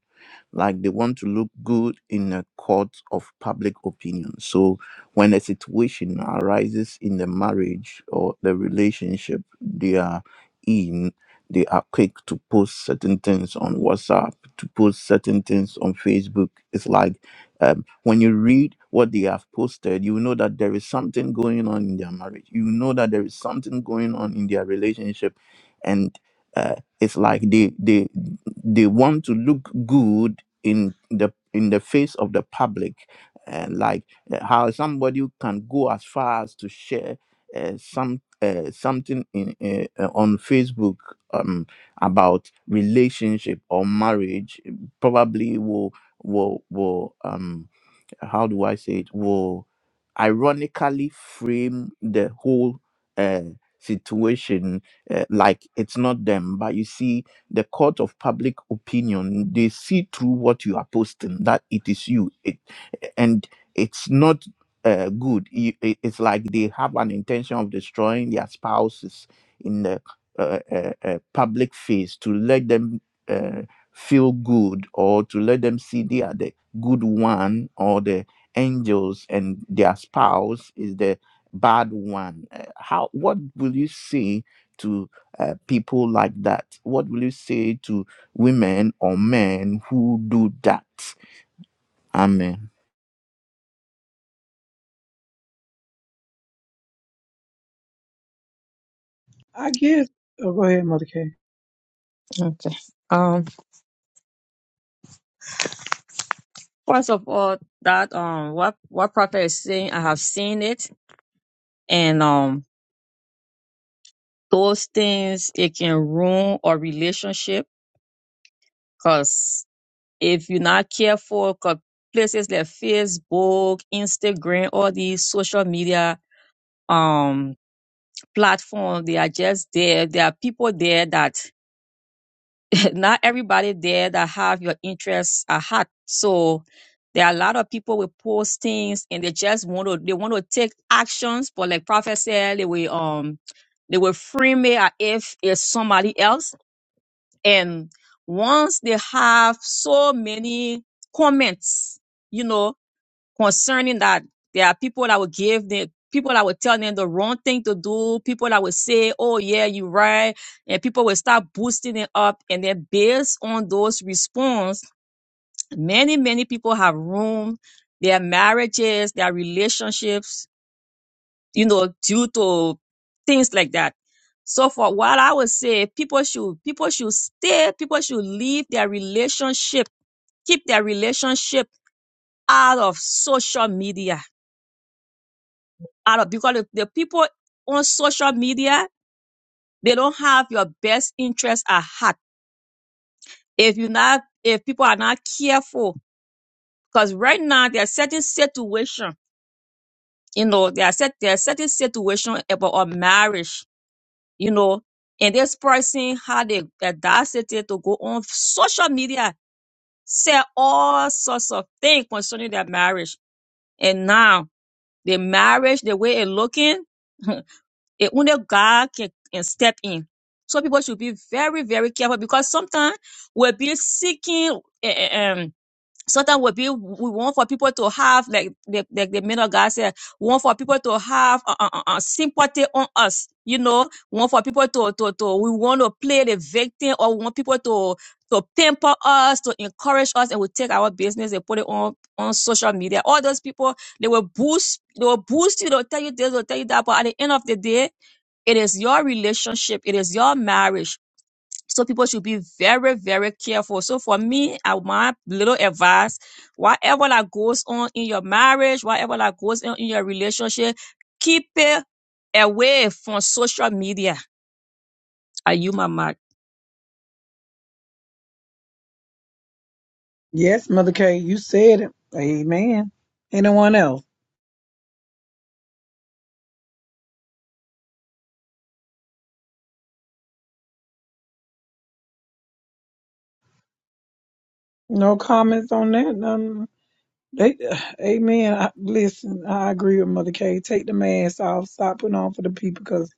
S2: like they want to look good in a court of public opinion. So when a situation arises in the marriage or the relationship they are in, they are quick to post certain things on WhatsApp, to post certain things on Facebook. It's like um, when you read what they have posted, you know that there is something going on in their marriage. You know that there is something going on in their relationship, and uh, it's like they they they want to look good in the in the face of the public and like uh, how somebody can go as far as to share uh, some uh, something in uh, uh, on facebook um, about relationship or marriage probably will will will um how do I say it, will ironically frame the whole uh, situation uh, like it's not them. But you see, the court of public opinion, they see through what you are posting, that it is you. It, and it's not uh, good. You- it- It's like they have an intention of destroying their spouses in the uh, uh, uh, public face to let them uh, feel good or to let them see they are the good one or the angels and their spouse is the bad one Uh, how what will you say to uh, people like that what will you say to women or men who do that amen
S1: I guess. Oh, go ahead, Mother K.
S3: Okay. Um, first of all, that, um, what, what prophet is saying, I have seen it. And, um, those things it can ruin our relationship because if you're not careful 'cause places like facebook instagram all these social media um platforms they are just there there are people there that not everybody there that have your interests at heart so there are a lot of people will post things and they just want to they want to take actions but like prophet said they will um they will frame it as if it's somebody else And once they have so many comments, you know, concerning that, there are people that will give them, people that will tell them the wrong thing to do, people that will say, oh yeah, you're right. And people will start boosting it up. And then based on those response, many, many people have ruined their marriages, their relationships, you know, due to things like that. So for what I would say, people should people should stay, people should leave their relationship, keep their relationship out of social media. Out of because if the people on social media, they don't have your best interest at heart. If you not if people are not careful, because right now there are certain situation, you know, there are set there are certain situation about a marriage you know, and this person had the audacity to go on social media, say all sorts of things concerning their marriage. And now the marriage, the way it looking, it only God can, can step in. So people should be very, very careful because sometimes we'll be seeking eh, eh, um, Sometimes we be, we want for people to have like the like the man of God said, we want for people to have uh, uh, uh, uh, sympathy on us. You know, we want for people to to to we want to play the victim or we want people to to pamper us, to encourage us, and we take our business and put it on on social media. All those people they will boost they will boost you, they'll tell you this, they'll tell you that, but at the end of the day, it is your relationship, it is your marriage so people should be very, very careful. So for me, I, my little advice, whatever that goes on in your marriage, whatever that goes on in your relationship, keep it away from social media. Are you my mic?
S1: Yes, Mother K, you said it. Amen. Anyone else? No comments on that. None. They, amen. I, listen, I agree with Mother K. Take the mask off. Stop putting on for the people because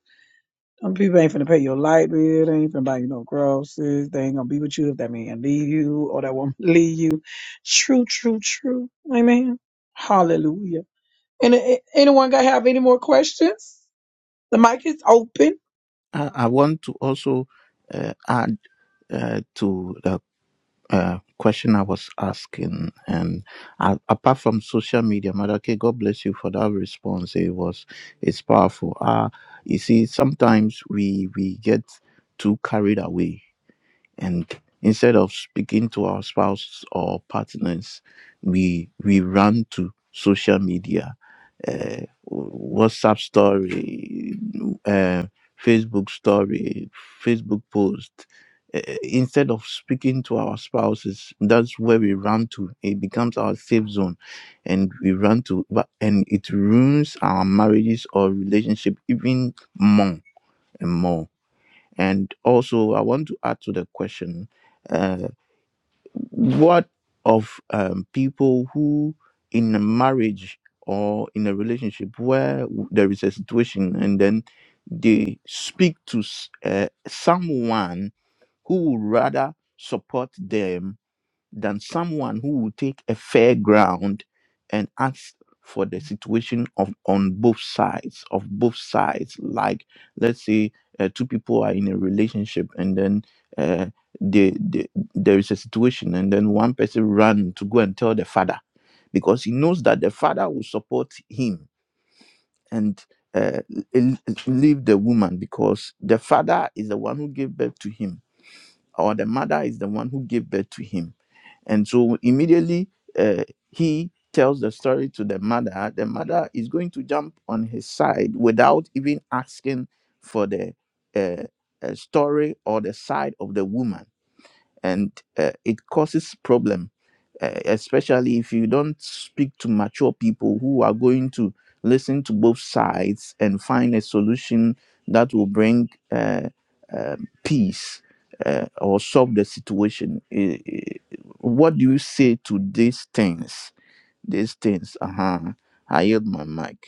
S1: some people ain't finna pay your light bill. They ain't finna buy you no groceries. They ain't gonna be with you if that man leave you or that woman leave you. True, true, true. Amen. Hallelujah. And anyone got have any more questions? The mic is open.
S2: i, I want to also uh, add uh, to the uh, question I was asking, and uh, apart from social media, Madake, God bless you for that response. It was it's powerful. Uh, you see, sometimes we we get too carried away and instead of speaking to our spouse or partners we we run to social media uh, whatsapp story uh, facebook story facebook post Uh, instead of speaking to our spouses that's where we run to it becomes our safe zone and we run to but- and it ruins our marriages or relationship even more and more and also, I want to add to the question uh, what of um, people who in a marriage or in a relationship where w- there is a situation and then they speak to s- uh, someone who would rather support them than someone who will take a fair ground and ask for the situation of on both sides of both sides like let's say uh, two people are in a relationship and then uh, they, they, there is a situation and then one person run to go and tell the father because he knows that the father will support him and uh, l- l- leave the woman because the father is the one who gave birth to him or the mother is the one who gave birth to him and so immediately uh, he tells the story to the mother. The mother is going to jump on his side without even asking for the uh, uh, story or the side of the woman and uh, it causes problem uh, especially if you don't speak to mature people who are going to listen to both sides and find a solution that will bring uh, um peace uh, or solve the situation. I- I- What do you say to these things? These things, uh huh. I yield my mic.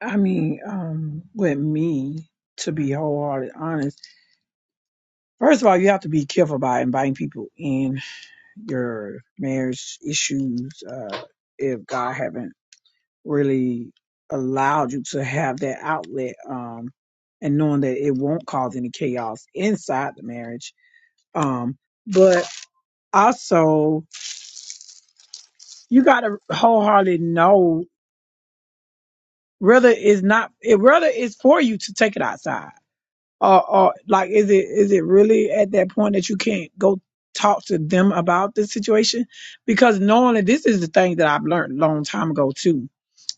S1: I mean, um, with me, to be wholehearted honest, first of all, you have to be careful about inviting people in your marriage issues. Uh, if God haven't really allowed you to have that outlet um and knowing that it won't cause any chaos inside the marriage um but also you got to wholeheartedly know whether it's not it whether it's for you to take it outside or or like is it is it really at that point that you can't go talk to them about the situation because knowing that this is the thing that I've learned a long time ago too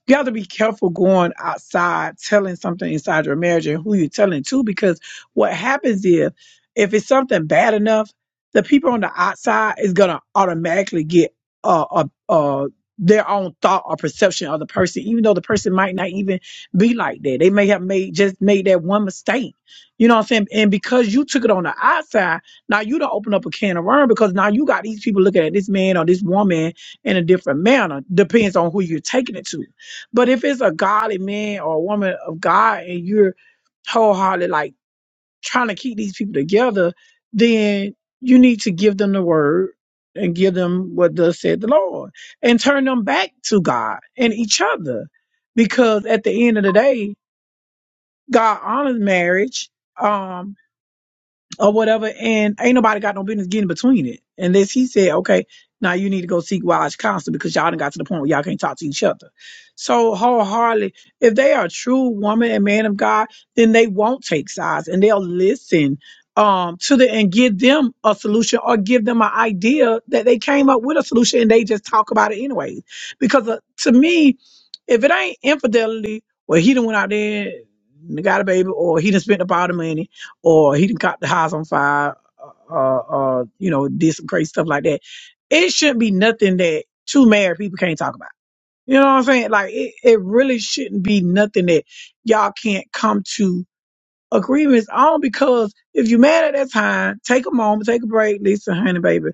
S1: you have to be careful going outside telling something inside your marriage and who you're telling to because what happens is if it's something bad enough the people on the outside is going to automatically get uh, uh, uh, their own thought or perception of the person even though the person might not even be like that they may have made just made that one mistake you know what i'm saying and because you took it on the outside now you don't open up a can of worms because now you got these people looking at this man or this woman in a different manner depends on who you're taking it to but if it's a godly man or a woman of God and you're wholeheartedly like trying to keep these people together, then you need to give them the word and give them what thus said the Lord and turn them back to God and each other. Because at the end of the day, God honors marriage. Um, or whatever, and ain't nobody got no business getting between it. And this, he said, okay, now you need to go seek wise counsel because y'all done got to the point where y'all can't talk to each other. So wholeheartedly, if they are a true woman and man of God, then they won't take sides and they'll listen um to the and give them a solution or give them an idea that they came up with a solution and they just talk about it anyways. Because uh, to me, if it ain't infidelity, well, he done went out there and got a baby, or he done spent up all the money, or he done caught the house on fire, uh, uh, uh, you know, did some crazy stuff like that. It shouldn't be nothing that two married people can't talk about. You know what I'm saying? Like it, it really shouldn't be nothing that y'all can't come to agreements on because if you're mad at that time, take a moment, take a break, listen, honey, baby.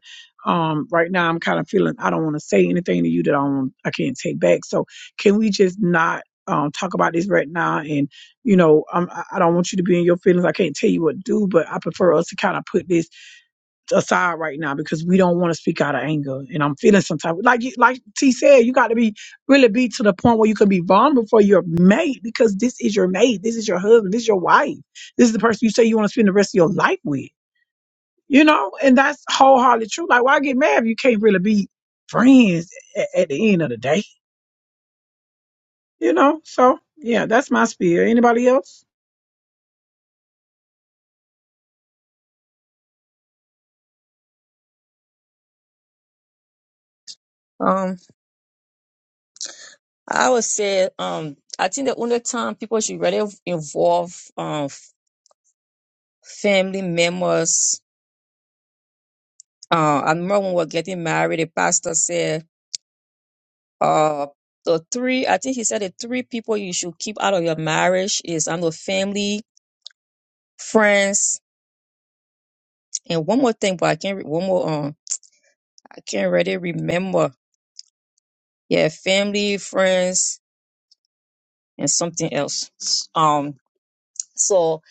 S1: Um, right now I'm kind of feeling I don't want to say anything to you that I don't, I can't take back. So can we just not um talk about this right now? And you know, I'm, I I don't want you to be in your feelings. I can't tell you what to do, but I prefer us to kind of put this aside right now because we don't want to speak out of anger. And I'm feeling some type of like you- like T said, you got to be really be to the point where you can be vulnerable for your mate because this is your mate, this is your husband, this is your wife, this is the person you say you want to spend the rest of your life with. You know, and that's wholeheartedly true. Like, why get mad if you can't really be friends at, at the end of the day? You know, so yeah, that's my spiel. Anybody else?
S3: Um, I would say, um, I think the only time people should really involve, um, family members. Uh, I remember when we were getting married, the pastor said, uh the three i think he said the three people you should keep out of your marriage is i know family friends and one more thing but i can't re- one more um i can't really remember yeah family friends and something else um so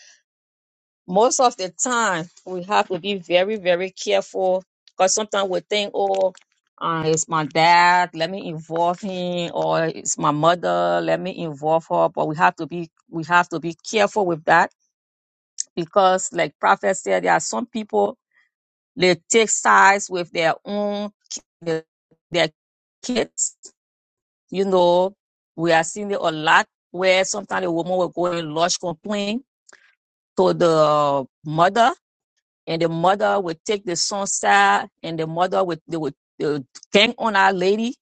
S3: most of the time we have to be very very careful because sometimes we think oh uh, it's my dad let me involve him or it's my mother let me involve her but we have to be we have to be careful with that because like prophet said there are some people they take sides with their own ki- their kids you know we are seeing it a lot where sometimes a woman will go and lodge complaint to the mother and the mother will take the son's side and the mother would they would they would gang on our lady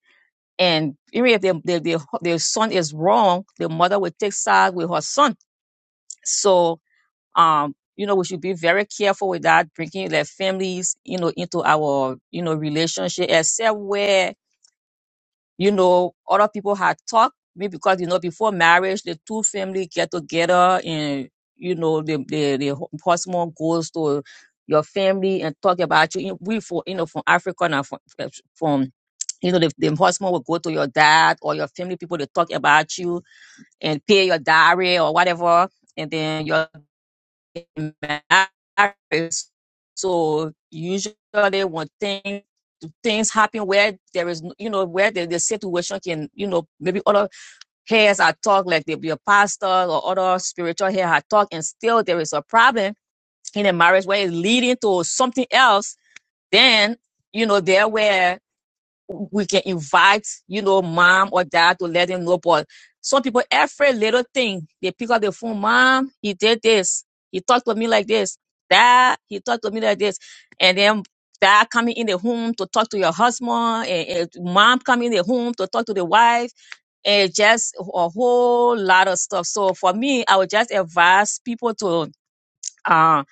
S3: and even if the, the, the, the son is wrong the mother would take side with her son so um you know we should be very careful with that bringing their families you know into our you know relationship except where you know other people had talked maybe because you know before marriage the two family get together and you know the the, the hu- husband goes to your family and talk about you You- we for you know from africa and from, from you know the, the husband will go to your dad or your family people to talk about you and pay your diary or whatever and then your marriage. So usually when things things happen where there is you know where the, the situation can you know maybe other heads are talk like the, the pastor or other spiritual head are talk and still there is a problem in a marriage where it's leading to something else, then you know there where we can invite, you know, mom or dad to let them know. But some people, every little thing, they pick up the phone, mom, he did this. He talked to me like this. Dad, he talked to me like this. And then dad coming in the home to talk to your husband, and, and mom coming in the home to talk to the wife, and just a whole lot of stuff. So for me, I would just advise people to uh,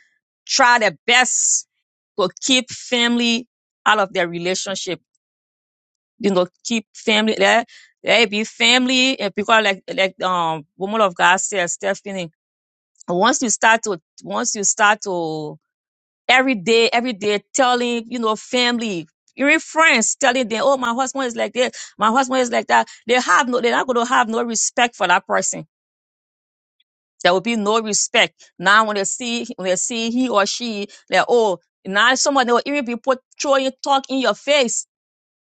S3: try their best to keep family out of their relationship you know, keep family let let it be family and because like like um woman of God said, Stephanie, once you start to once you start to every day, every day telling, you know, family, your friends telling them, oh my husband is like this, my husband is like that, they have no they're not gonna have no respect for that person. There will be no respect. Now when they see when they see he or she, they're oh now somebody will even be put throwing talk in your face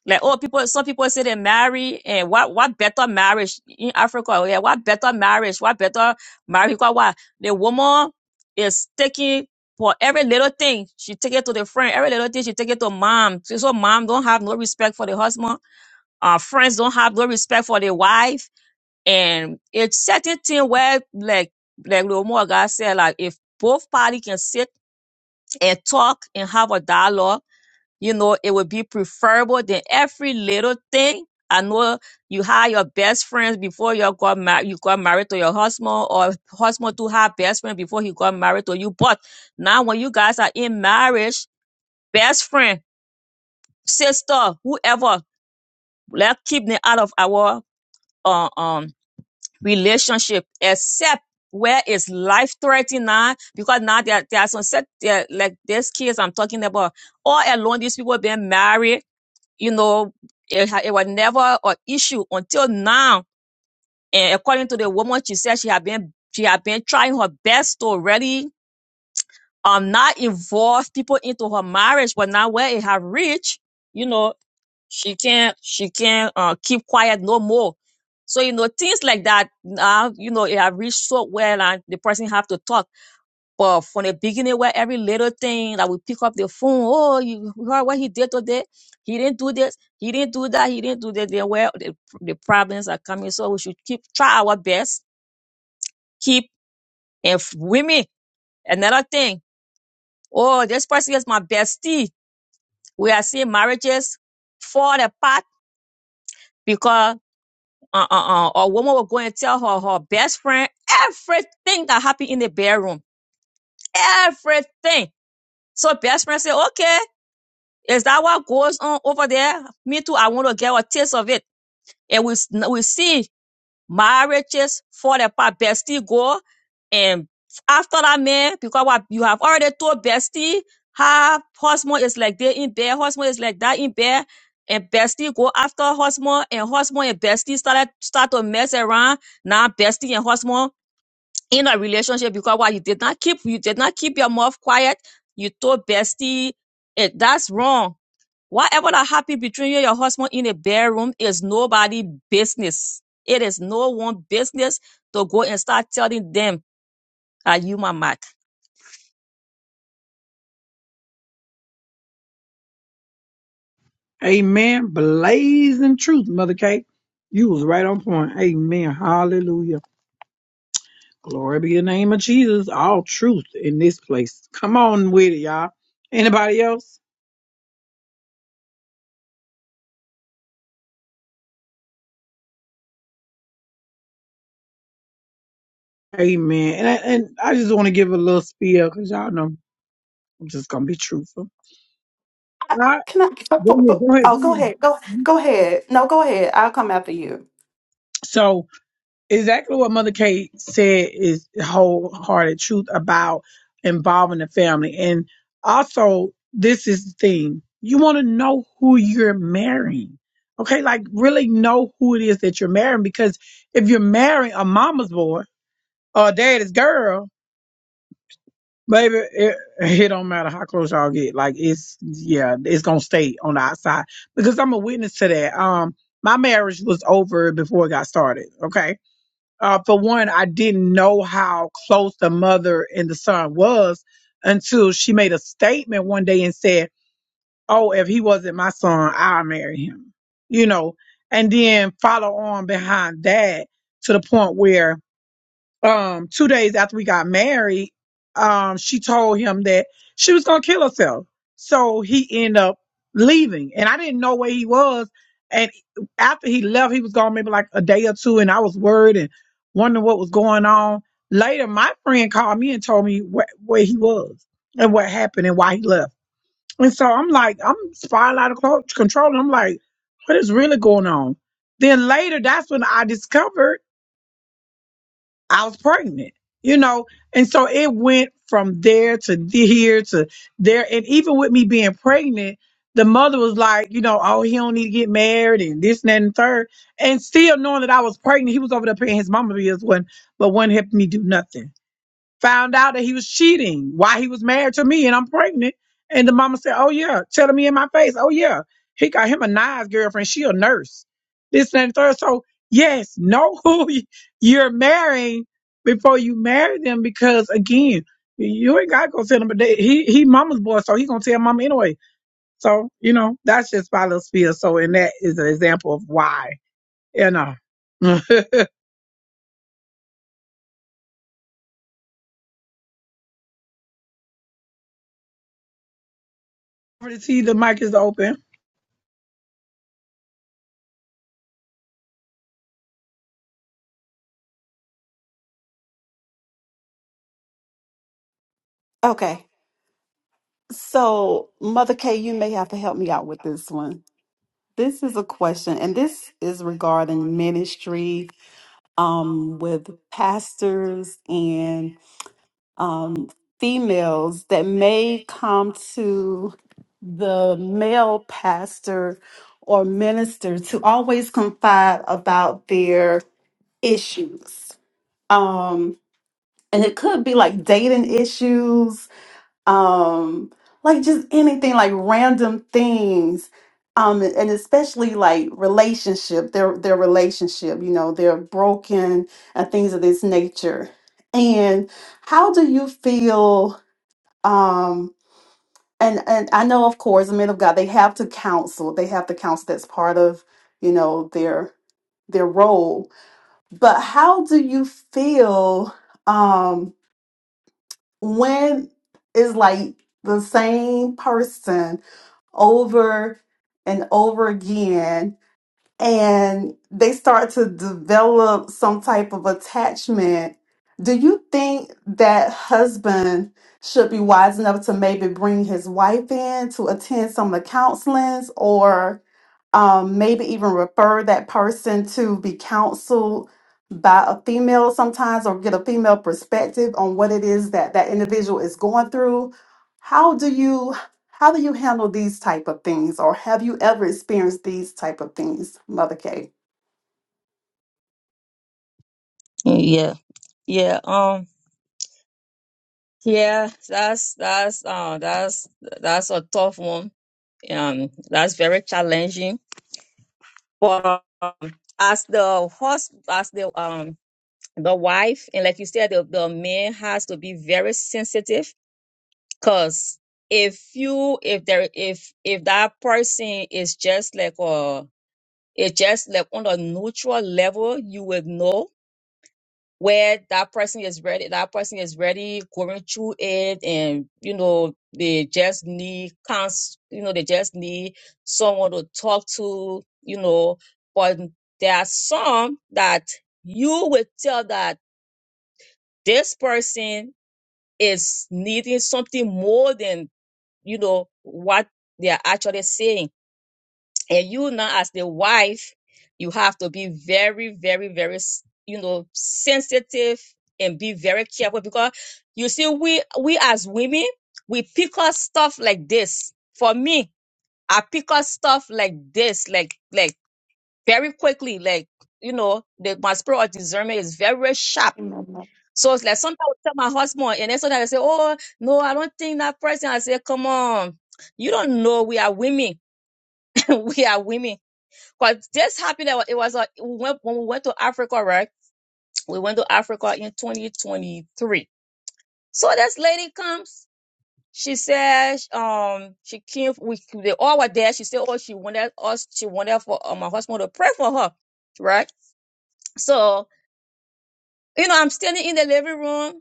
S3: like, oh, people, some people say they marry, and what, what better marriage in Africa? Yeah, what better marriage? What better marriage? Because why? The woman is taking for every little thing. She take it to the friend. Every little thing, she take it to mom. So, so mom don't have no respect for the husband. Uh, friends don't have no respect for the wife. And it's certain thing where, like, like Lomo God said, like, if both party can sit and talk and have a dialogue, you know, it would be preferable than every little thing. I know you had your best friends before you got married. You got married to your husband, or husband to have best friend before he got married to you. But now, when you guys are in marriage, best friend, sister, whoever, let's keep them out of our uh, um relationship, except where it's life threatening now. Because now there, there are some set there, like these kids I'm talking about. All along, these people been married you know, it, ha- it was never an issue until now. And according to the woman, she said she had been she had been trying her best to really um not involve people into her marriage, but now where it have reached, you know, she can't she can't uh, keep quiet no more. So you know things like that now, you know, it have reached so well, and the person have to talk. But from the beginning, where every little thing that we pick up the phone, oh, you heard what he did today? He didn't do this. He didn't do that. He didn't do that. Then where the, the problems are coming. So we should keep try our best. Keep and f- women. Another thing. Oh, this person is my bestie. We are seeing marriages fall apart because uh, uh, uh, a woman will go and tell her her best friend everything that happened in the bedroom. Everything. So best friend say, okay. Is that what goes on over there? Me too. I want to get a taste of it. And we, s- we see marriages fall apart. Bestie go and after that man, because what you have already told bestie, her husband is like they in bed, husband is like that in bed, and bestie go after husband, and husband and bestie started start to mess around. Now bestie and husband in a relationship because what you did not keep, you did not keep your mouth quiet. You told bestie, it, that's wrong Whatever that happened between you and your husband in a bedroom is nobody business. It is no one business to go and start telling them that you my Mac.
S1: Amen. Blazing truth, Mother Kate. You was right on point. Amen. Hallelujah. Glory be the name of Jesus. All truth in this place. Come on with it, y'all. Anybody else? Amen. And I, and I just want to give a little spiel because y'all know I'm just gonna be truthful. All
S5: Uh,
S1: right.
S5: Can I? can I
S1: Go
S5: po-
S1: ahead.
S5: po-
S1: Go ahead. Go
S5: Oh, go ahead. Go
S1: ahead.
S5: go ahead. No, go ahead. I'll come after you.
S1: So exactly what Mother Kate said is wholehearted truth about involving the family. And also, this is the thing you want to know who you're marrying. Okay, like really know who it is that you're marrying because if you're marrying a mama's boy or a daddy's girl, baby, it, it don't matter how close y'all get. Like it's yeah, it's gonna stay on the outside because I'm a witness to that. Um, my marriage was over before it got started. Okay, uh, for one, I didn't know how close the mother and the son was until she made a statement one day and said, "Oh, if he wasn't my son, I'll marry him," you know, and then follow on behind that to the point where um two days after we got married, um, she told him that she was gonna kill herself. So he ended up leaving. And I didn't know where he was. And after he left, he was gone maybe like a day or two, and I was worried and wondering what was going on. Later, my friend called me and told me where, where he was and what happened and why he left. And so I'm like, I'm spiraling out of co- control. And I'm like, what is really going on? Then later, that's when I discovered. I was pregnant, you know, and so it went from there to the- here to there, and even with me being pregnant, the mother was like, you know, oh, he don't need to get married and this and that and third, and still knowing that I was pregnant, he was over there paying his mama bills, when but wasn't helping me do nothing found out that he was cheating while he was married to me and I'm pregnant. And the mama said, Oh yeah, telling me in my face, oh yeah, he got him a nice girlfriend. She a nurse. This and that, and the third. So yes, know who y- you're marrying before you marry them because again, you ain't gotta go tell them but they, he he mama's boy, so he gonna tell mama anyway. So, you know, that's just my little spiel. So and that is an example of why, you know. over to you. The mic is open.
S5: Okay. So, Mother K, you may have to help me out with this one. This is a question, and this is regarding ministry um, with pastors and um, females that may come to the male pastor or minister to always confide about their issues. Um, and it could be like dating issues um like just anything like random things um and especially like relationship their their relationship you know they're broken and things of this nature and how do you feel um and and I know of course the men of God they have to counsel they have to counsel that's part of you know their their role but how do you feel um, when it's like the same person over and over again and they start to develop some type of attachment do you think that husband should be wise enough to maybe bring his wife in to attend some of the counselings or um, maybe even refer that person to be counseled by a female sometimes or get a female perspective on what it is that that individual is going through how do you how do you handle these type of things or have you ever experienced these type of things mother k
S3: Yeah, yeah, um, yeah. That's that's uh that's that's a tough one. Um, that's very challenging. But um, as the husband, as the um the wife, and like you said, the, the man has to be very sensitive Cause if you if there if if that person is just like uh it's just like on a neutral level, you would know where that person is ready. That person is ready going through it, and you know they just need cons. You know they just need someone to talk to. You know, but there are some that you would tell that this person is needing something more than you know, what they are actually saying. And you now as the wife, you have to be very, very, very, s- you know, sensitive and be very careful because you see, we, we as women, we pick up stuff like this. For me, I pick up stuff like this, like, like very quickly, like, you know, the, my spirit of discernment is very sharp
S5: Amen,
S3: so it's like sometimes I tell my husband, and then sometimes I say, Oh, no, I don't think that person. I say, Come on, you don't know we are women. we are women. Because this happened, that it was uh, we went, when we went to Africa, right? We went to Africa in 2023. So this lady comes. She says, um, she came, we, they all were there. She said, Oh, she wanted us, she wanted for uh, my husband to pray for her, right? So, you know, I'm standing in the living room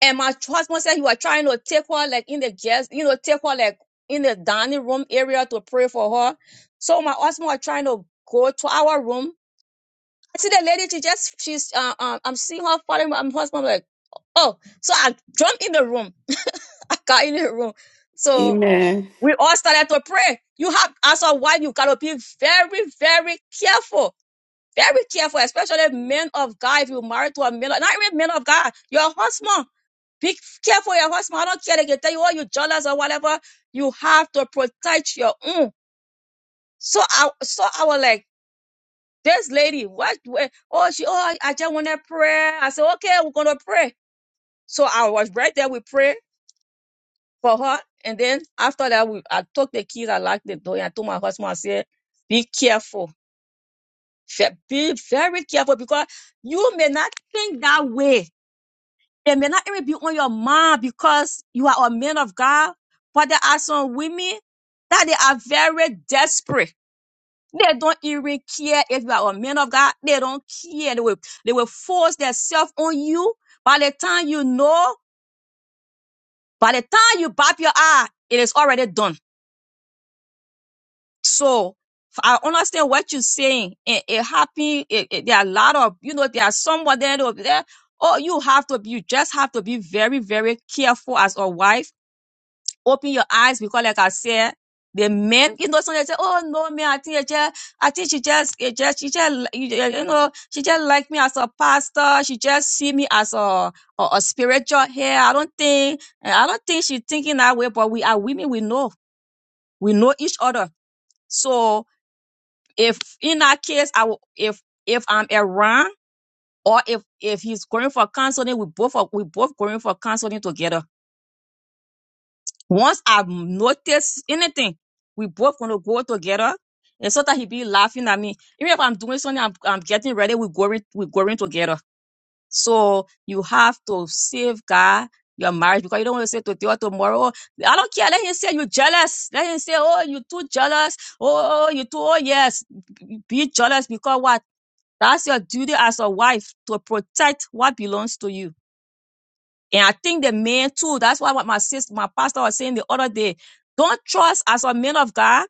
S3: And my husband said he was trying to take her like in the guest, you know, take her like in the dining room area to pray for her. So my husband was trying to go to our room. I see the lady, she just she's uh, um I'm seeing her following my husband like, oh. So I jumped in the room. I got in the room. So
S5: Amen.
S3: we all started to pray. You have as a wife, you gotta be very, very careful. Very careful, especially men of God. If you're married to a man, not even men of God, your husband. Be careful your husband. I don't care. They can tell you, all you jealous or whatever. You have to protect your own. So I, so I was like, this lady, what? where- Oh, she, oh, I just want to pray. I said, okay, we're going to pray. So I was right there. We prayed for her. And then after that, we, I took the keys. I locked the door and I told my husband, I said, be careful. Fe- Be very careful because you may not think that way They may not even be on your mind because you are a man of God, but there are some women that they are very desperate. They don't even care if you are a man of God. They don't care. They will, they will force themselves on you. By the time you know, by the time you bop your eye, it is already done. So I understand what you're saying. It, it happened. It, it- there are a lot of, you know, there are someone there, there, oh, you have to be, you just have to be very, very careful as a wife open your eyes because like I said, the men, you know, sometimes they say, oh no, man, I think it just, I think she just, it just, she just, you you- you know, she just like me as a pastor. She just see me as a, a, a spiritual here. I don't think, I don't think she's thinking that way, but we are women. We know, we know each other. So if in that case, I will, if, if I'm around or if, if he's going for counseling, we both, are- we both going for counseling together Once I notice anything, we both gonna go together. And sometimes he be laughing at me. Even if I'm doing something, I'm, I'm getting ready, we're going, we're going together. So you have to safeguard your marriage because you don't want to say to God tomorrow, I don't care. Let him say you're jealous. Let him say, oh, you too jealous. Oh, oh, you too, oh, yes. Be jealous because what? That's your duty as a wife to protect what belongs to you. And I think the man too, that's why what my sister, my pastor was saying the other day, don't trust as a man of God,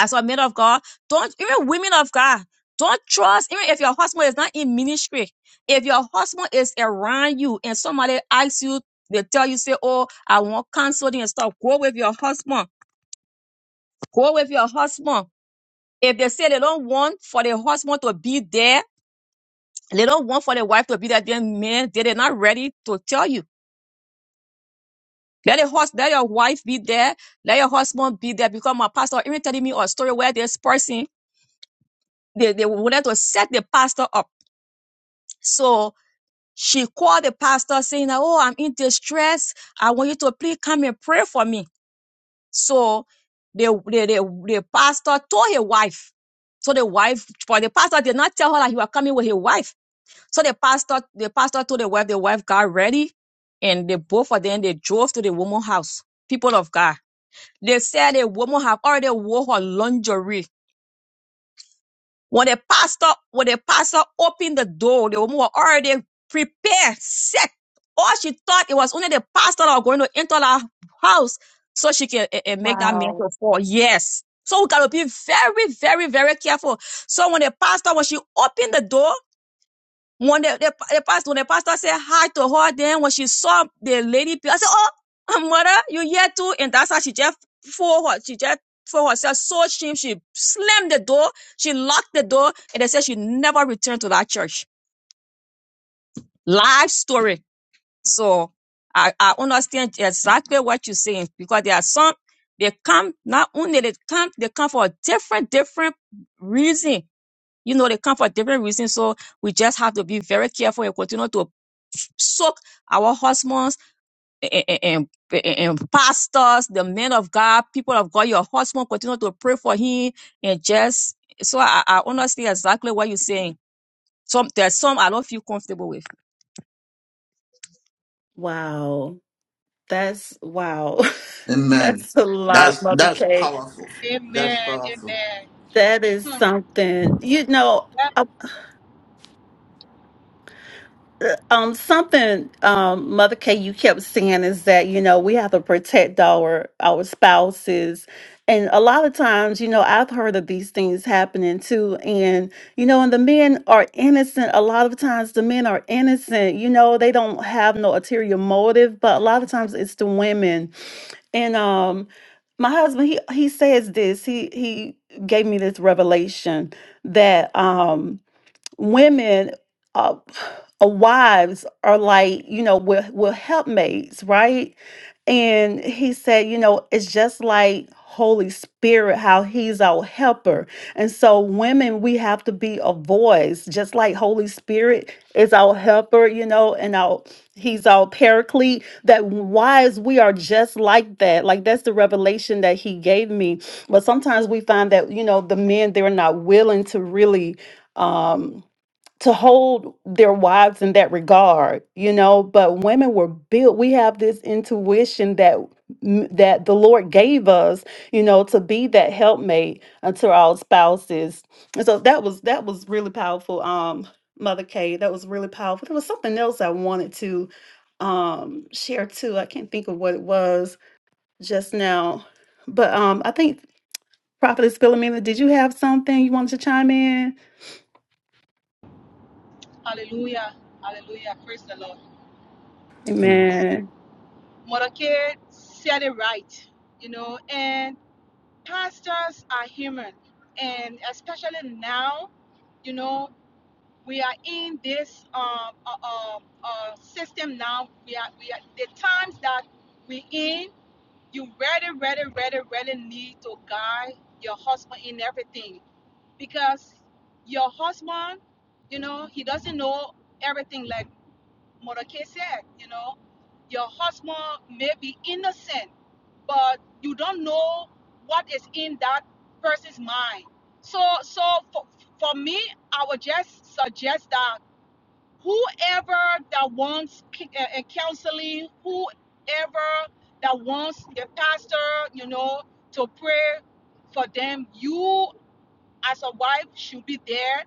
S3: as a man of God, don't, even women of God, don't trust, even if your husband is not in ministry, if your husband is around you and somebody asks you, they tell you, say, oh, I want counseling and stuff, go with your husband, go with your husband. If they say they don't want for the husband to be there, they don't want for the wife to be there, then man, they're not ready to tell you. Let your hus- let your wife be there. Let your husband be there. Because my pastor even telling me a story where this person they, they wanted to set the pastor up. So she called the pastor saying, that, "Oh, I'm in distress. I want you to please come and pray for me." So the the the, the pastor told his wife. So the wife, but the pastor did not tell her that he was coming with his wife. So the pastor, the pastor told the wife, the wife got ready, and they both of them they drove to the woman's house. People of God. They said a woman have already wore her lingerie. When the pastor, when the pastor opened the door, the woman was already prepared, set. All she thought it was only the pastor that was going to enter her house so she can eh, eh, make that man to fall. Yes. So we gotta be very, very, very careful. So when the pastor, when she opened the door, when the, the, the pastor, when the pastor said hi to her, then when she saw the lady, I said, "Oh, mother, you here too?" And that's how she just for her, she just for herself so shame. She slammed the door, she locked the door, and they said she never returned to that church. Life story. So I, I understand exactly what you're saying because there are some they come not only they come they come for a different different reason. You know they come for different reasons. So we just have to be very careful and continue to soak our husbands and, and, and, and pastors, the men of God, people of God, your husband, continue to pray for him and just so I, I understand exactly what you're saying. Some there's some I don't feel comfortable with.
S5: Wow. That's wow.
S2: Amen.
S5: That's a
S2: That's
S5: lot, Mother K.
S2: so
S4: Amen.
S2: true.
S4: Amen.
S5: That is
S4: Hmm.
S5: something. You know,
S4: That,
S5: Um, something, um, Mother K, you kept saying is that, you know, we have to protect our our spouses. And a lot of times, you know, I've heard of these things happening too. And, you know, and the men are innocent. A lot of times the men are innocent, you know, they don't have no ulterior motive, but a lot of times it's the women. And um my husband, he he says this. He he gave me this revelation that um women uh, uh, wives are like you know we're, we're helpmates right and he said you know it's just like holy spirit how he's our helper and so women we have to be a voice just like holy spirit is our helper you know and our he's our paraclete that wives we are just like that like that's the revelation that he gave me but sometimes we find that you know the men they're not willing to really Um, to hold their wives in that regard, you know, but women were built we have this intuition that m- that the Lord gave us, you know, to be that helpmate unto our spouses. And so that was that was really powerful um Mother Kay, that was really powerful. There was something else I wanted to um share too. I can't think of what it was just now. But um I think Prophetess Philomena, did you have something you wanted to chime in?
S4: hallelujah. Hallelujah. Praise the Lord.
S5: Amen.
S4: Mother Kate said it right, you know, and pastors are human. And especially now, you know, we are in this um, uh, uh, uh, system now. We are, we are the times that we in, you really, really, really, really need to guide your husband in everything because your husband, you know, he doesn't know everything like Mordecai said, you know. Your husband may be innocent, but you don't know what is in that person's mind. So so for, for me, I would just suggest that whoever that wants c- uh, uh, counseling, whoever that wants the pastor, you know, to pray for them, You as a wife should be there,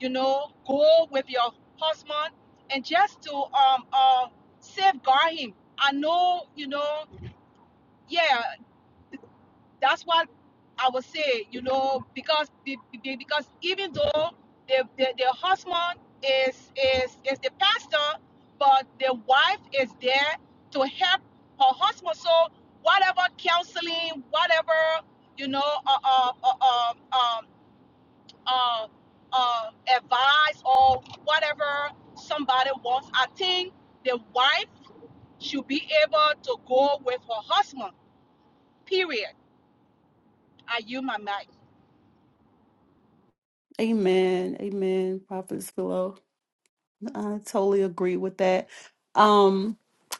S4: you know, go with your husband and just to um uh safeguard him. I know, you know, yeah, that's what I would say, you know, because because even though the, the, the husband is is is the pastor, but the wife is there to help her husband. So whatever counseling, whatever, you know, uh, uh, uh, uh, um, uh, uh, advice or whatever somebody wants. I think the wife should be able to go with her husband. Period. Are you my mic?
S5: Amen. Amen. Prophetess Philo. I totally agree with that. Um,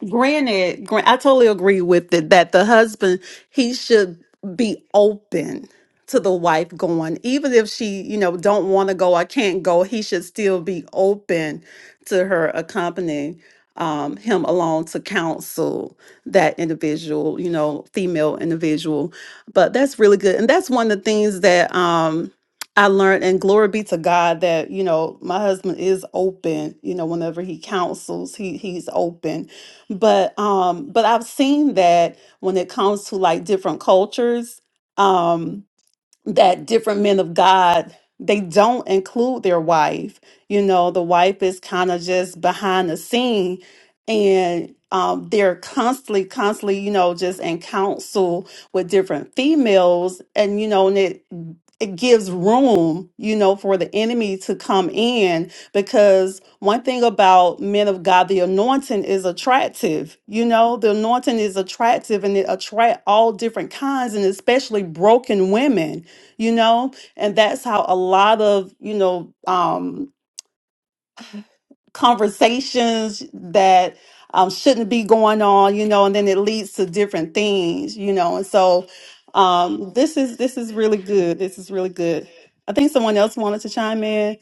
S5: granted, gran- I totally agree with it that the husband, he should be open to the wife going, even if she, you know, don't want to go, I can't go, he should still be open to her accompanying um, him along to counsel that individual, you know, female individual. But that's really good. And that's one of the things that, um I learned, and glory be to God that you know my husband is open. You know, whenever he counsels, he he's open. But um, but I've seen that when it comes to like different cultures, um, that different men of God they don't include their wife. You know, the wife is kind of just behind the scene and um, they're constantly, constantly, you know, just in counsel with different females and you know, and it it gives room, you know, for the enemy to come in because one thing about men of God, the anointing is attractive. You know, the anointing is attractive and it attract all different kinds and especially broken women you know and that's how a lot of you know um conversations that um shouldn't be going on you know and then it leads to different things you know and so um this is this is really good this is really good i think someone else wanted to chime in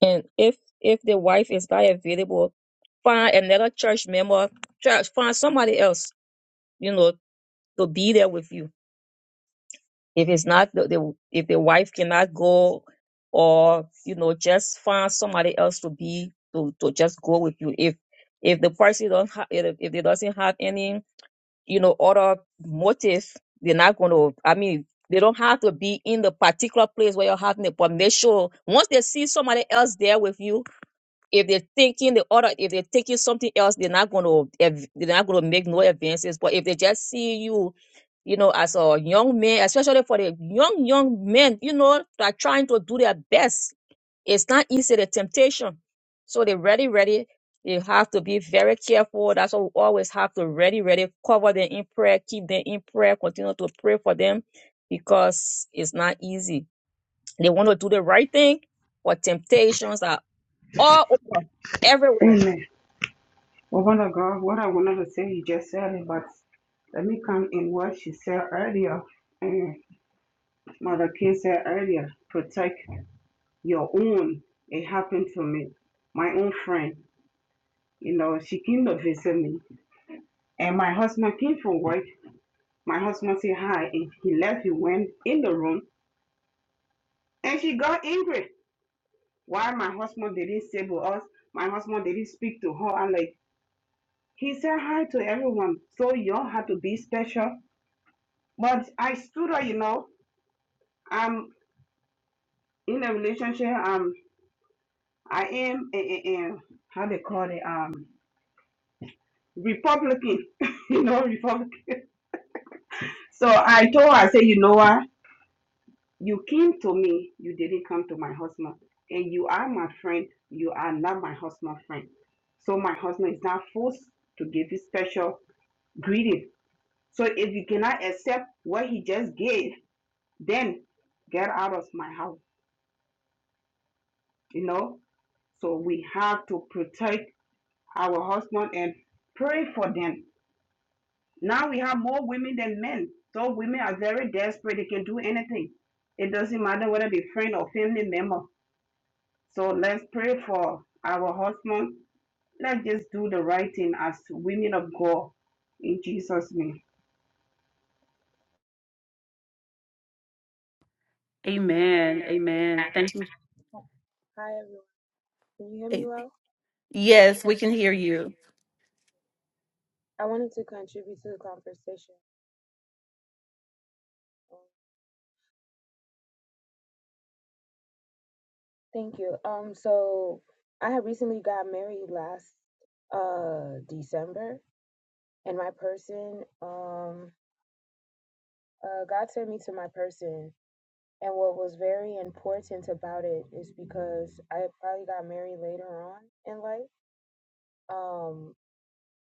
S3: And if if the wife is not available, find another church member, church, find somebody else, you know, to be there with you if it's not the, the if the wife cannot go or you know just find somebody else to be to, to just go with you if if the person don't ha- if, if they doesn't have any you know other motive they're not going to i mean they don't have to be in the particular place where you're having it but make sure once they see somebody else there with you if they're thinking the other if they're thinking something else they're not going to they're not going to make no advances but if they just see you you know as a young man especially for the young young men you know that are trying to do their best it's not easy the temptation so they're ready ready you have to be very careful that's why we always have to ready ready cover them in prayer keep them in prayer continue to pray for them because it's not easy they want to do the right thing but temptations are all over, everywhere.
S6: Amen. Woman of God, what I wanted to say, you just said it, but let me come in what she said earlier. And Mother King said earlier, protect your own. It happened to me. My own friend, you know, she came to visit me. And my husband came from work. My husband said hi, and he left. He went in the room, and she got angry. Why my husband didn't say to us? My husband didn't speak to her. I'm like, he said hi to everyone. So you all have to be special But I still do you know, I'm in a relationship. Um, I am a, a, a how they call it um Republican, you know, Republican. So I told her, I said, you know what? You came to me, you didn't come to my husband, and you are my friend. You are not my husband's friend. So my husband is not forced to give you special greeting. So if you cannot accept what he just gave, then get out of my house. You know. So we have to protect our husband and pray for them. Now we have more women than men. So women are very desperate. They can do anything. It doesn't matter whether they friend or family member. So let's pray for our husband. Let's just do the right thing as women of God in Jesus' name.
S5: amen amen thank
S7: Hi,
S5: you
S7: everyone. Can you hear me well? I wanted to contribute to the conversation. Um, Thank you. Um, so I had recently got married last uh December, and my person, um, uh, God sent me to my person. And what was very important about it is because I probably got married later on in life. Um,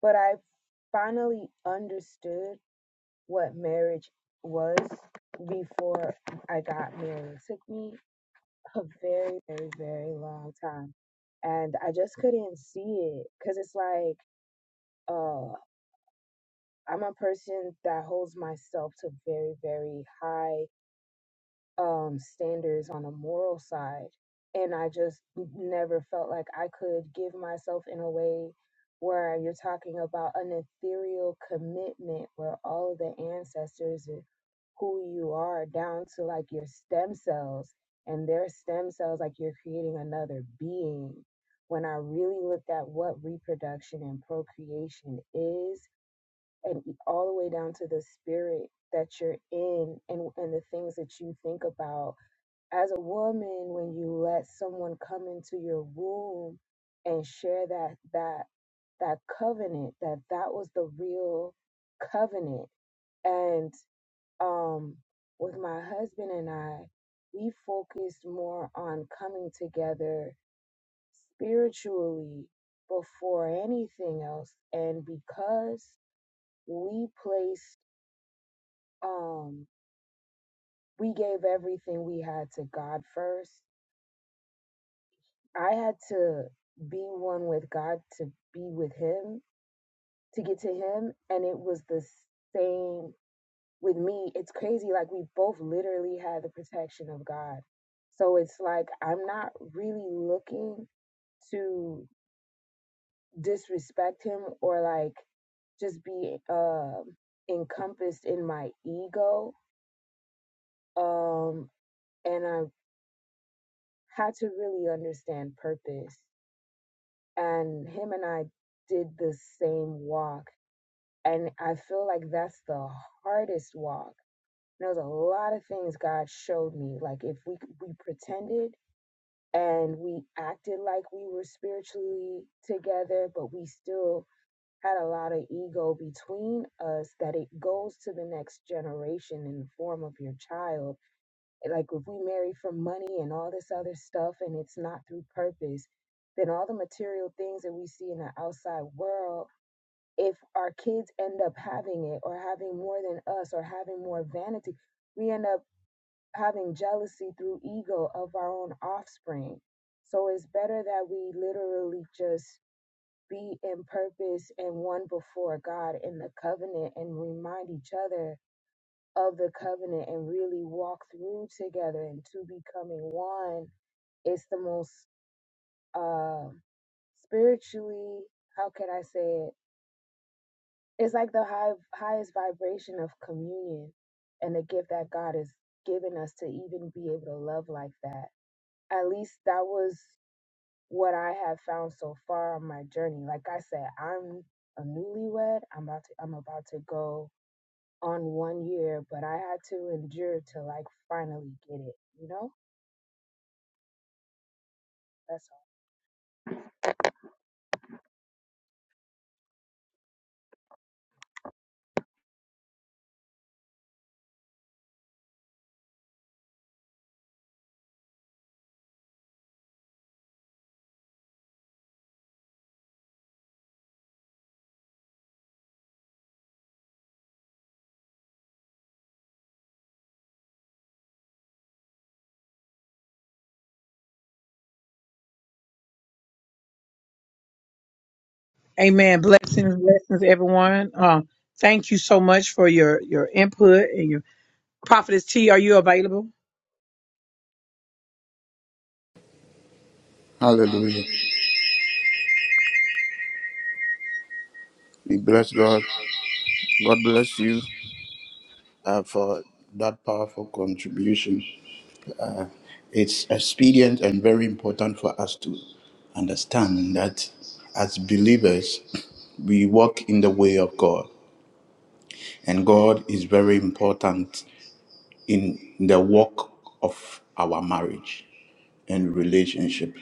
S7: but I finally understood what marriage was before I got married. It took me a very, very, very long time. And I just couldn't see it because it's like, uh, I'm a person that holds myself to very, very high um, standards on a moral side. And I just never felt like I could give myself in a way where you're talking about an ethereal commitment where all of the ancestors and who you are down to like your stem cells and their stem cells, like you're creating another being. When I really looked at what reproduction and procreation is, and e- all the way down to the spirit that you're in and, and the things that you think about as a woman when you let someone come into your womb and share that that that covenant that that was the real covenant and um with my husband and I we focused more on coming together spiritually before anything else and because we placed um we gave everything we had to God first I had to be one with God to be with Him, to get to Him. And it was the same with me. It's crazy. Like, we both literally had the protection of God. So it's like, I'm not really looking to disrespect Him or like just be um encompassed in my ego. Um, and I had to really understand purpose. And Him and I did the same walk And I feel like that's the hardest walk. There's a lot of things God showed me. Like if we we pretended and we acted like we were spiritually together, but we still had a lot of ego between us that it goes to the next generation in the form of your child. Like if we marry for money and all this other stuff and it's not through purpose, then all the material things that we see in the outside world if our kids end up having it or having more than us or having more vanity, we end up having jealousy through ego of our own offspring. So it's better that we literally just be in purpose and one before God in the covenant and remind each other of the covenant and really walk through together and to becoming one. It's the most uh, spiritually, how can I say it? It's like the high, highest vibration of communion and the gift that God has given us to even be able to love like that. At least that was what I have found so far on my journey. Like I said, I'm a newlywed. I'm about to I'm about to go on one year, but I had to endure to like finally get it, you know? That's
S1: Amen. Blessings, blessings, everyone. Um, thank you so much for your your input and your prophetess T. Are you available?
S2: Hallelujah. We bless God. God bless you uh, for that powerful contribution. It's expedient and very important for us to understand that as believers, we walk in the way of God, and God is very important in the walk of our marriage and relationship.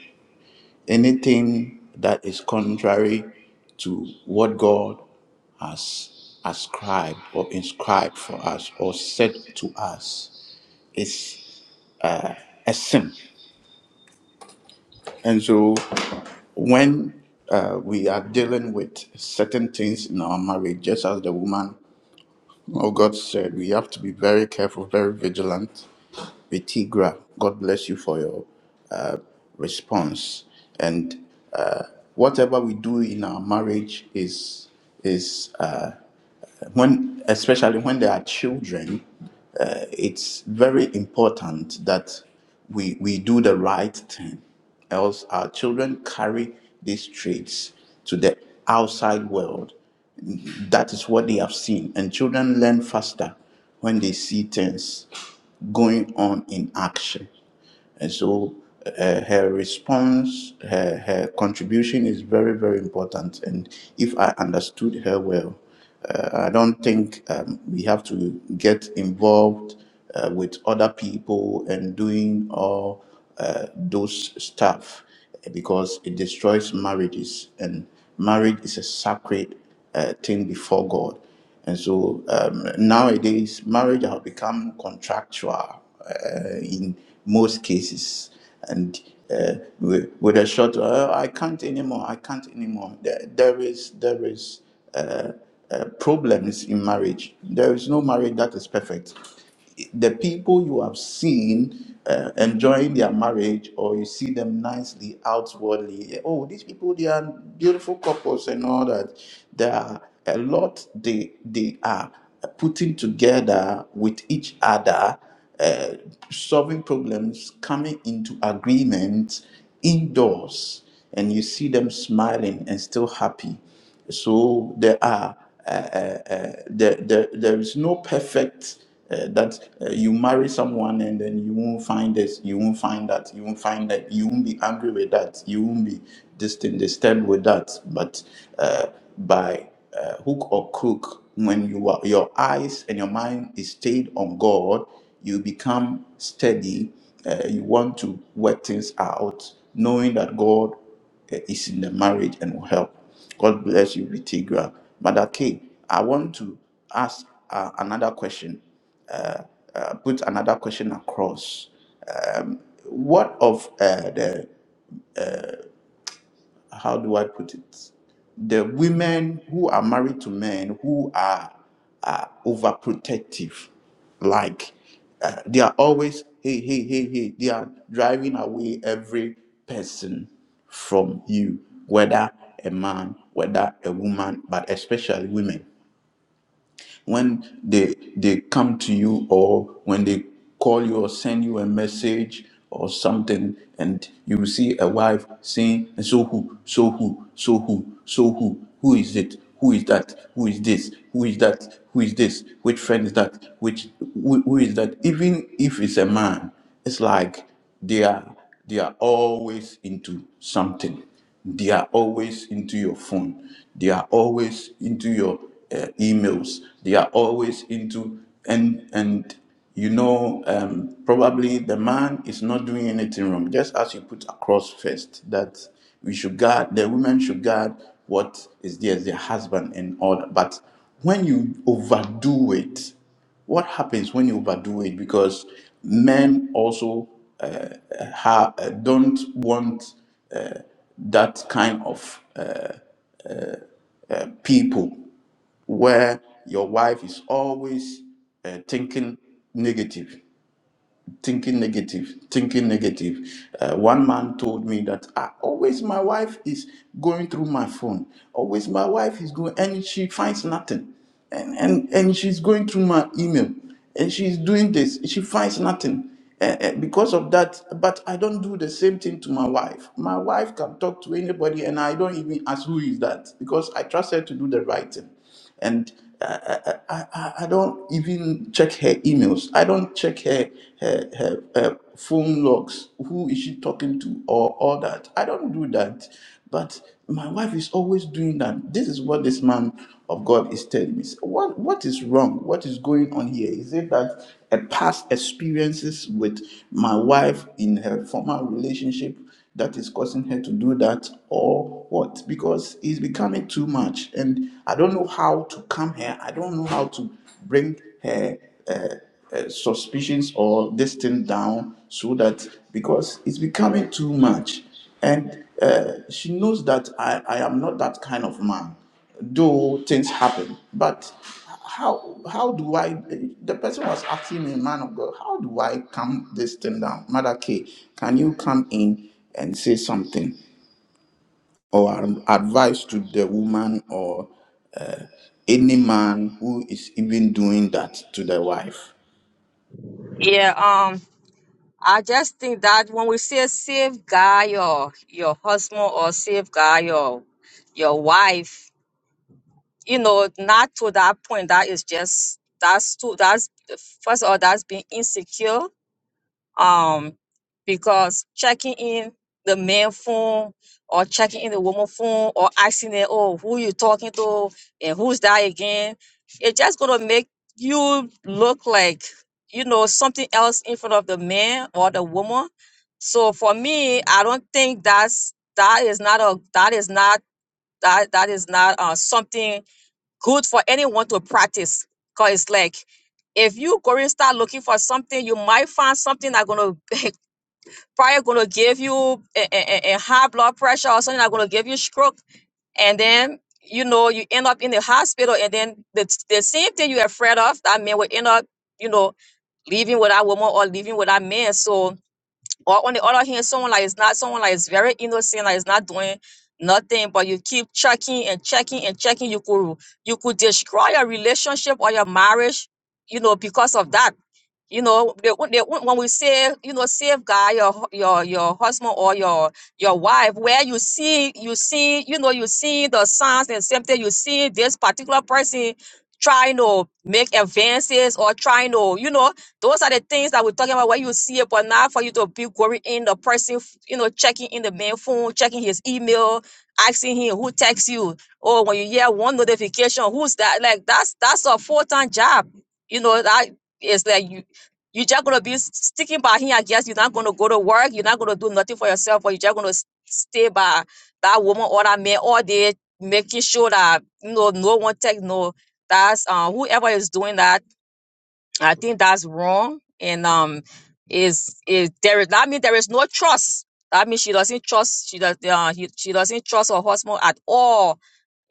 S2: Anything that is contrary to what God has ascribed or inscribed for us or said to us is a sin. And so when uh, we are dealing with certain things in our marriage, just as the woman of God said, we have to be very careful, very vigilant. vitigra. God bless you for your response. And uh, whatever we do in our marriage is is Uh, when especially when there are children uh, it's very important that we we do the right thing else our children carry these traits to the outside world that is what they have seen and children learn faster when they see things going on in action and so uh, her response her, her contribution is very very important and if i understood her well I don't think um, we have to get involved uh, with other people and doing all uh, those stuff because it destroys marriages and marriage is a sacred uh, thing before God. And so um, nowadays, marriage has become contractual uh, in most cases. And uh, with, with a short, uh, I can't anymore, I can't anymore. There, there is, there is problems in marriage. There is no marriage that is perfect. The people you have seen uh, enjoying their marriage, or you see them nicely outwardly, oh, these people they are beautiful couples and all that. There are a lot they they are putting together with each other, uh, solving problems, coming into agreement indoors and you see them smiling and still happy. So there are uh, uh, uh, there, there, there is no perfect uh, that uh, you marry someone and then you won't find this, you won't find that, you won't find that, you won't be angry with that, you won't be this thing disturbed with that. But uh, by uh, hook or crook, when you are, your eyes and your mind is stayed on God, you become steady uh, you want to work things out, knowing that God uh, is in the marriage and will help. God bless you, Vitigra. Mother K, I want to ask uh, another question, uh, put another question across. What of uh, the how do I put it? The women who are married to men who are, are overprotective, like uh, they are always, hey, hey, hey, hey, they are driving away every person from you, whether a man, whether a woman, but especially women when they they come to you or when they call you or send you a message or something and you see a wife saying so who so who so who so who who is it who is that who is this who is that who is this which friend is that which who, who is that even if it's a man it's like they are they are always into something they are always into your phone. They are always into your uh, emails. They are always into and and you know um, probably the man is not doing anything wrong. Just as you put across first that we should guard the women should guard what is theirs, their husband and all that. But when you overdo it, what happens when you overdo it because men also have, don't want that kind of people where your wife is always uh, thinking negative, thinking negative, thinking negative. Uh, one man told me that "Ah, always my wife is going through my phone, always my wife is going, and she finds nothing. And, and, and she's going through my email and she's doing this, she finds nothing. And, and because of that, but I don't do the same thing to my wife. My wife can talk to anybody, and I don't even ask who is that because I trust her to do the right thing and I, I, I I- don't even check her emails. I don't check her, her, her, her phone logs. Who is she talking to or all that? I don't do that. But my wife is always doing that. This is what this man of God is telling me. So What, what is wrong? What is going on here? Is it that a past experiences with my wife in her former relationship that is causing her to do that or what because it's becoming too much and i don't know how to calm her i don't know how to bring her suspicions or this thing down so that because it's becoming too much and uh, she knows that I, I am not that kind of man though things happen but how how do i the person was asking me man of god how do i calm this thing down mother k can you come in and say something or ad- advice to the woman or any man who is even doing that to the wife
S3: Yeah. Um. I just think that when we say save guy or your husband or save guy or your wife, you know, not to that point. That is just that's too. That's first of all, that's being insecure. um, because checking in the man phone or checking in the woman phone or asking them, oh, who you talking to and who's that again, it's just gonna make you look like you know something else in front of the man or the woman. So for me, I don't think that's that is not a that is not that that is not uh, something good for anyone to practice because it's like if you go and start looking for something you might find something that's gonna probably gonna give you a, a, a- a high blood pressure or something that's gonna give you stroke and then you know you end up in the hospital and then the, the same thing you're afraid of that man will end up you know leaving with that woman or leaving with that man so or on the other hand, someone like is not someone like is very innocent, like is not doing nothing, but you keep checking and checking and checking. You could you could destroy your relationship or your marriage, you know, because of that. You know, they, when they, won't- when we say you know safeguard your hu- your your husband or your your wife, where you see you see you know you see the signs and symptoms, you see this particular person trying to make advances or trying to you know those are the things that we're talking about, Where you see it or not, for you to be worrying in the person, you know, checking in the main phone, checking his email, asking him who texts you. Or when you hear one notification, who's that? Like that's that's a full-time job. You know, that is like you you're just gonna be s- sticking by him, I guess. You're not gonna go to work, you're not gonna do nothing for yourself, or you're just gonna s- stay by that woman or that man all day, making sure that you know no one takes no that's uh whoever is doing that I think that's wrong. And um, is is there is that means there is no trust. That means she doesn't trust she does uh, he, she doesn't trust her husband at all,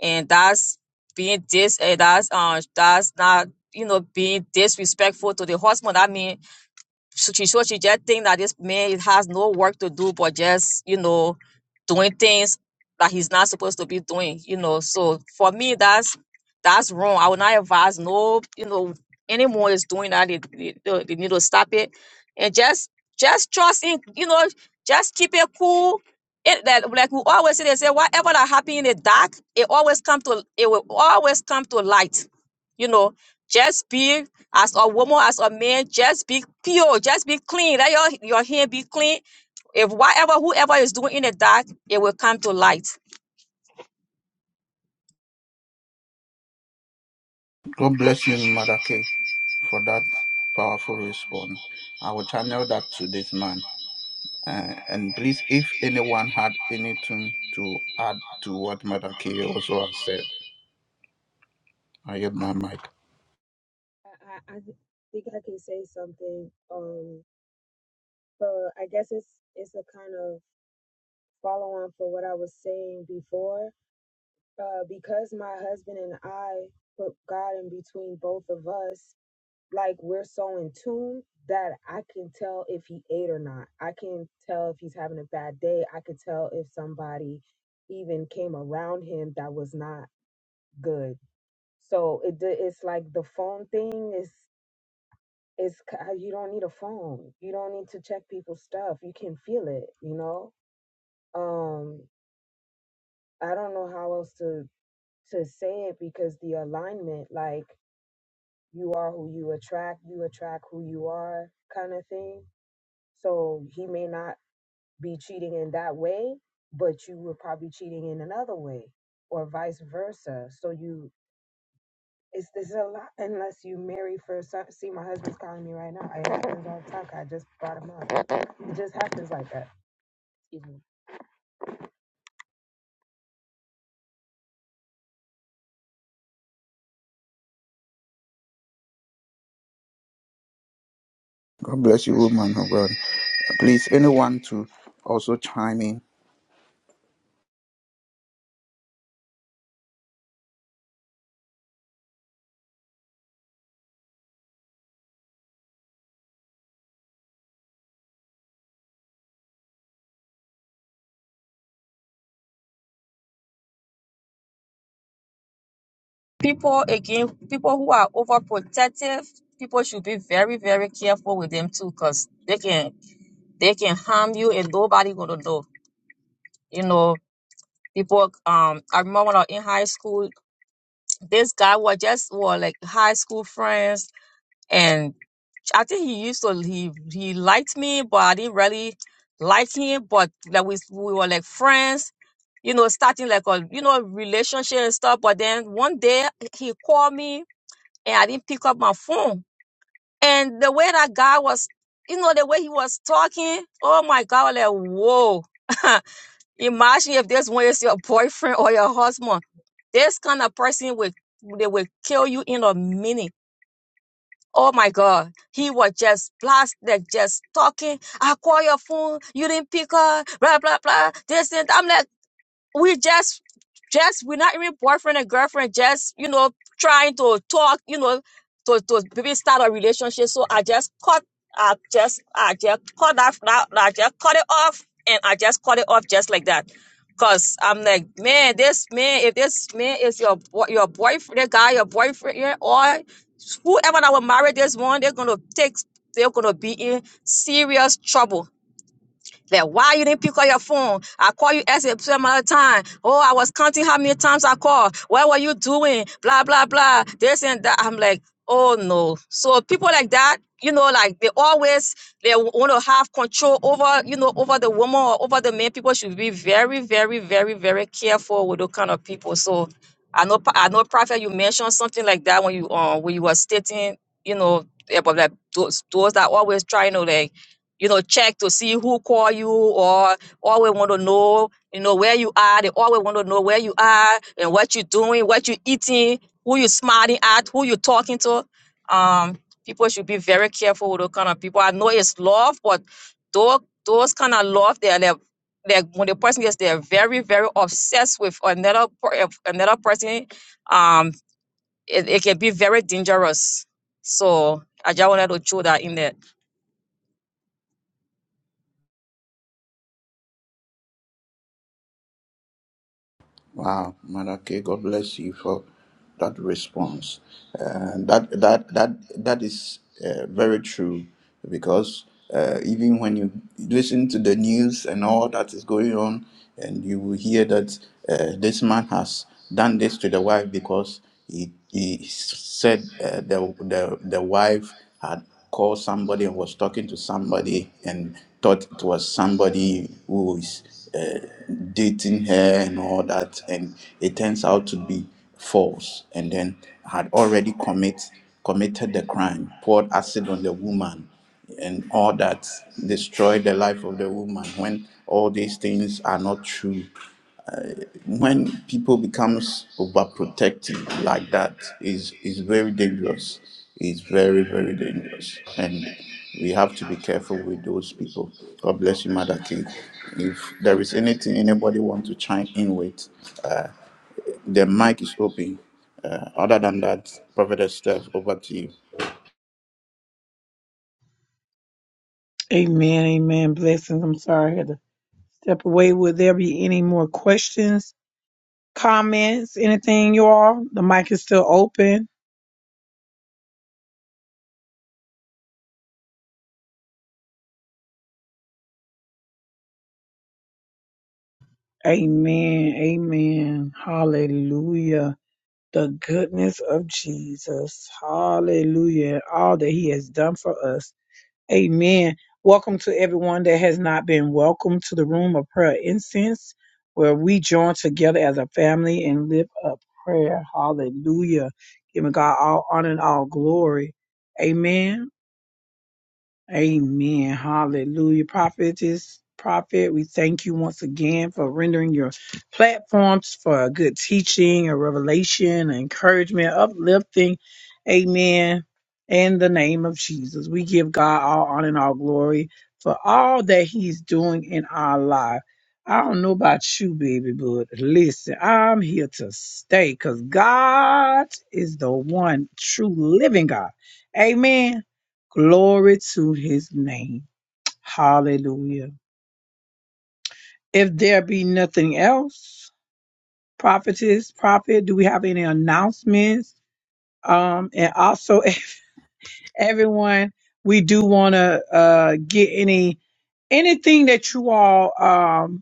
S3: and that's being dis eh, that's uh that's not you know being disrespectful to the husband. I mean so she so she just think that this man has no work to do but just you know doing things that he's not supposed to be doing you know so for me that's that's wrong i would not advise no you know anyone is doing that they, they, they they need to stop it and just just trust in you know just keep it cool it that like we always say they say whatever that happen in the dark it always come to it will always come to light you know just be as a woman, as a man, just be pure, just be clean. Let your, your hand be clean. If whatever, whoever is doing in the dark, it will come to light.
S2: God bless you, Mother K, for that powerful response. I will channel that to this man. Uh, and please, if anyone had anything to add to what Mother K also has said, I have my mic.
S7: all. I, I, I th- think I can say something. Um but I guess it's it's a kind of follow on for what I was saying before uh, because my husband and I put God in between both of us, like we're so in tune that I can tell if he ate or not. I can tell if he's having a bad day. I could tell if somebody even came around him that was not good. So it d- it's like the phone thing is is k- uh, you don't need a phone. You don't need to check people's stuff. You can feel it, you know? Um I don't know how else to to say it because the alignment like you are who you attract, you attract who you are kind of thing. So he may not be cheating in that way, but you were probably cheating in another way or vice versa. So you it's this is a lot unless you marry first sight. See, my husband's calling me right now. It happens all the time. 'cause I just brought him up. It just happens like that.
S2: God bless you, woman of God. Please, anyone to also chime in
S3: People, again, people who are overprotective, people should be very, very careful with them too, because they can they can harm you and nobody gonna know. You know, people um I remember when I was in high school, this guy was just were like high school friends. and. I think he used to he he liked me, but I didn't really like him. But like we we were like friends, you know, starting like a you know relationship and stuff. But then one day he called me and I didn't pick up my phone. And the way that guy was, you know, the way he was talking, oh my God, I was like whoa. Imagine if this one is your boyfriend or your husband. This kind of person will they will kill you in a minute Oh my God. He was just blasted, just talking. I call your phone. You didn't pick up. Blah, blah, blah. This and I'm like, we just just we're not even boyfriend and girlfriend just you know trying to talk you know to to maybe start a relationship so i just cut i just i just cut that, that i just cut it off and i just cut it off just like that because i'm like man this man if this man is your boy your boyfriend the guy your boyfriend yeah, or whoever that will marry this one they're gonna take they're gonna be in serious trouble that why you didn't pick up your phone? I call you as a another time. Oh, I was counting how many times I called. What were you doing? Blah blah blah. This and that. I'm like, oh no. So people like that, you know, like they always they want to have control over, you know, over the woman or over the man. People should be very, very, very, very careful with those kind of people. So I know, Pa- I know, Prophet, you mentioned something like that when you um when you were stating, you know, about like those those that always trying to like you know, check to see who call you or always want to know, you know, where you are. They always want to know where you are and what you're doing, what you're eating, who you're smiling at, who you're talking to. Um, people should be very careful with those kind of people. I know it's love, but those, those kind of love, they're, they're, they're when the person gets, they're very, very obsessed with another per- another person. Um, it, it can be very dangerous. So I just wanted to throw that in there.
S2: Wow, Madake, God bless you for that response. Uh, that that that that is uh, very true because uh, even when you listen to the news and all that is going on, and you will hear that uh, this man has done this to the wife because he, he said uh, the, the, the wife had called somebody and was talking to somebody and thought it was somebody who is uh, dating her and all that. And it turns out to be false. And then had already commit, committed the crime, poured acid on the woman and all that destroyed the life of the woman when all these things are not true when people becomes overprotective like that is is very dangerous it's very very dangerous and we have to be careful with those people god bless you mother king if there is anything anybody want to chime in with the mic is open uh, other than that prophet steph over to you
S1: Amen. Amen. Blessings. I'm sorry. step away. Would there be any more questions, comments, anything, you all? The mic is still open. Amen. Amen. Hallelujah. The goodness of Jesus. Hallelujah. All that he has done for us. Amen. Welcome to everyone that has not been welcome to the room of prayer incense, where we join together as a family and lift up prayer. Hallelujah. Giving God all honor and all glory. Amen. Amen. Hallelujah. Prophetess, prophet, we thank you once again for rendering your platforms for a good teaching, a revelation, encouragement, uplifting. Amen. In the name of Jesus, we give God all honor and all glory for all that He's doing in our life. I don't know about you, baby, but listen, I'm here to stay because God is the one true living God. Amen. Glory to his name. Hallelujah. If there be nothing else, prophetess, prophet, do we have any announcements? Um, and also if everyone, we do want to, uh, get any, anything that you all, um.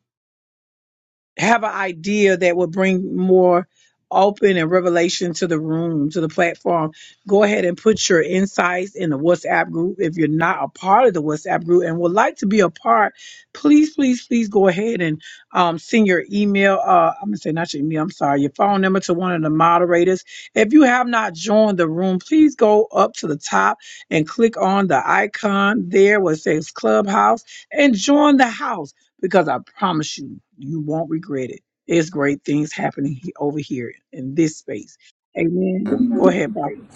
S1: have an idea that would bring more open and revelation to the room, to the platform, go ahead and put your insights in the WhatsApp group. If you're not a part of the WhatsApp group and would like to be a part, please, please, please go ahead and um, send your email. Uh, I'm gonna say not your email. I'm sorry, your phone number to one of the moderators. If you have not joined the room, please go up to the top and click on the icon there where it says Clubhouse and join the house because I promise you, you won't regret it. There's great things happening he- over here in this space. Amen. Go ahead, Prophet.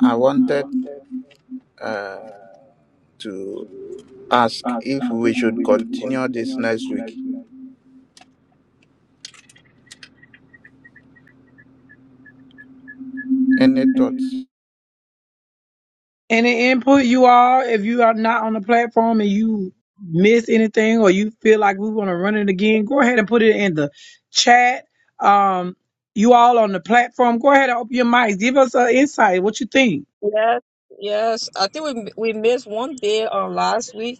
S2: i wanted uh, to ask if we should continue this next week any thoughts
S1: Any input you all, if you are not on the platform and you miss anything or you feel like we want to run it again, go ahead and put it in the chat. Um, you all on the platform, go ahead and open your mics. Give us an insight. What you think?
S3: Yes, yes. I think we m- we missed one day on last week.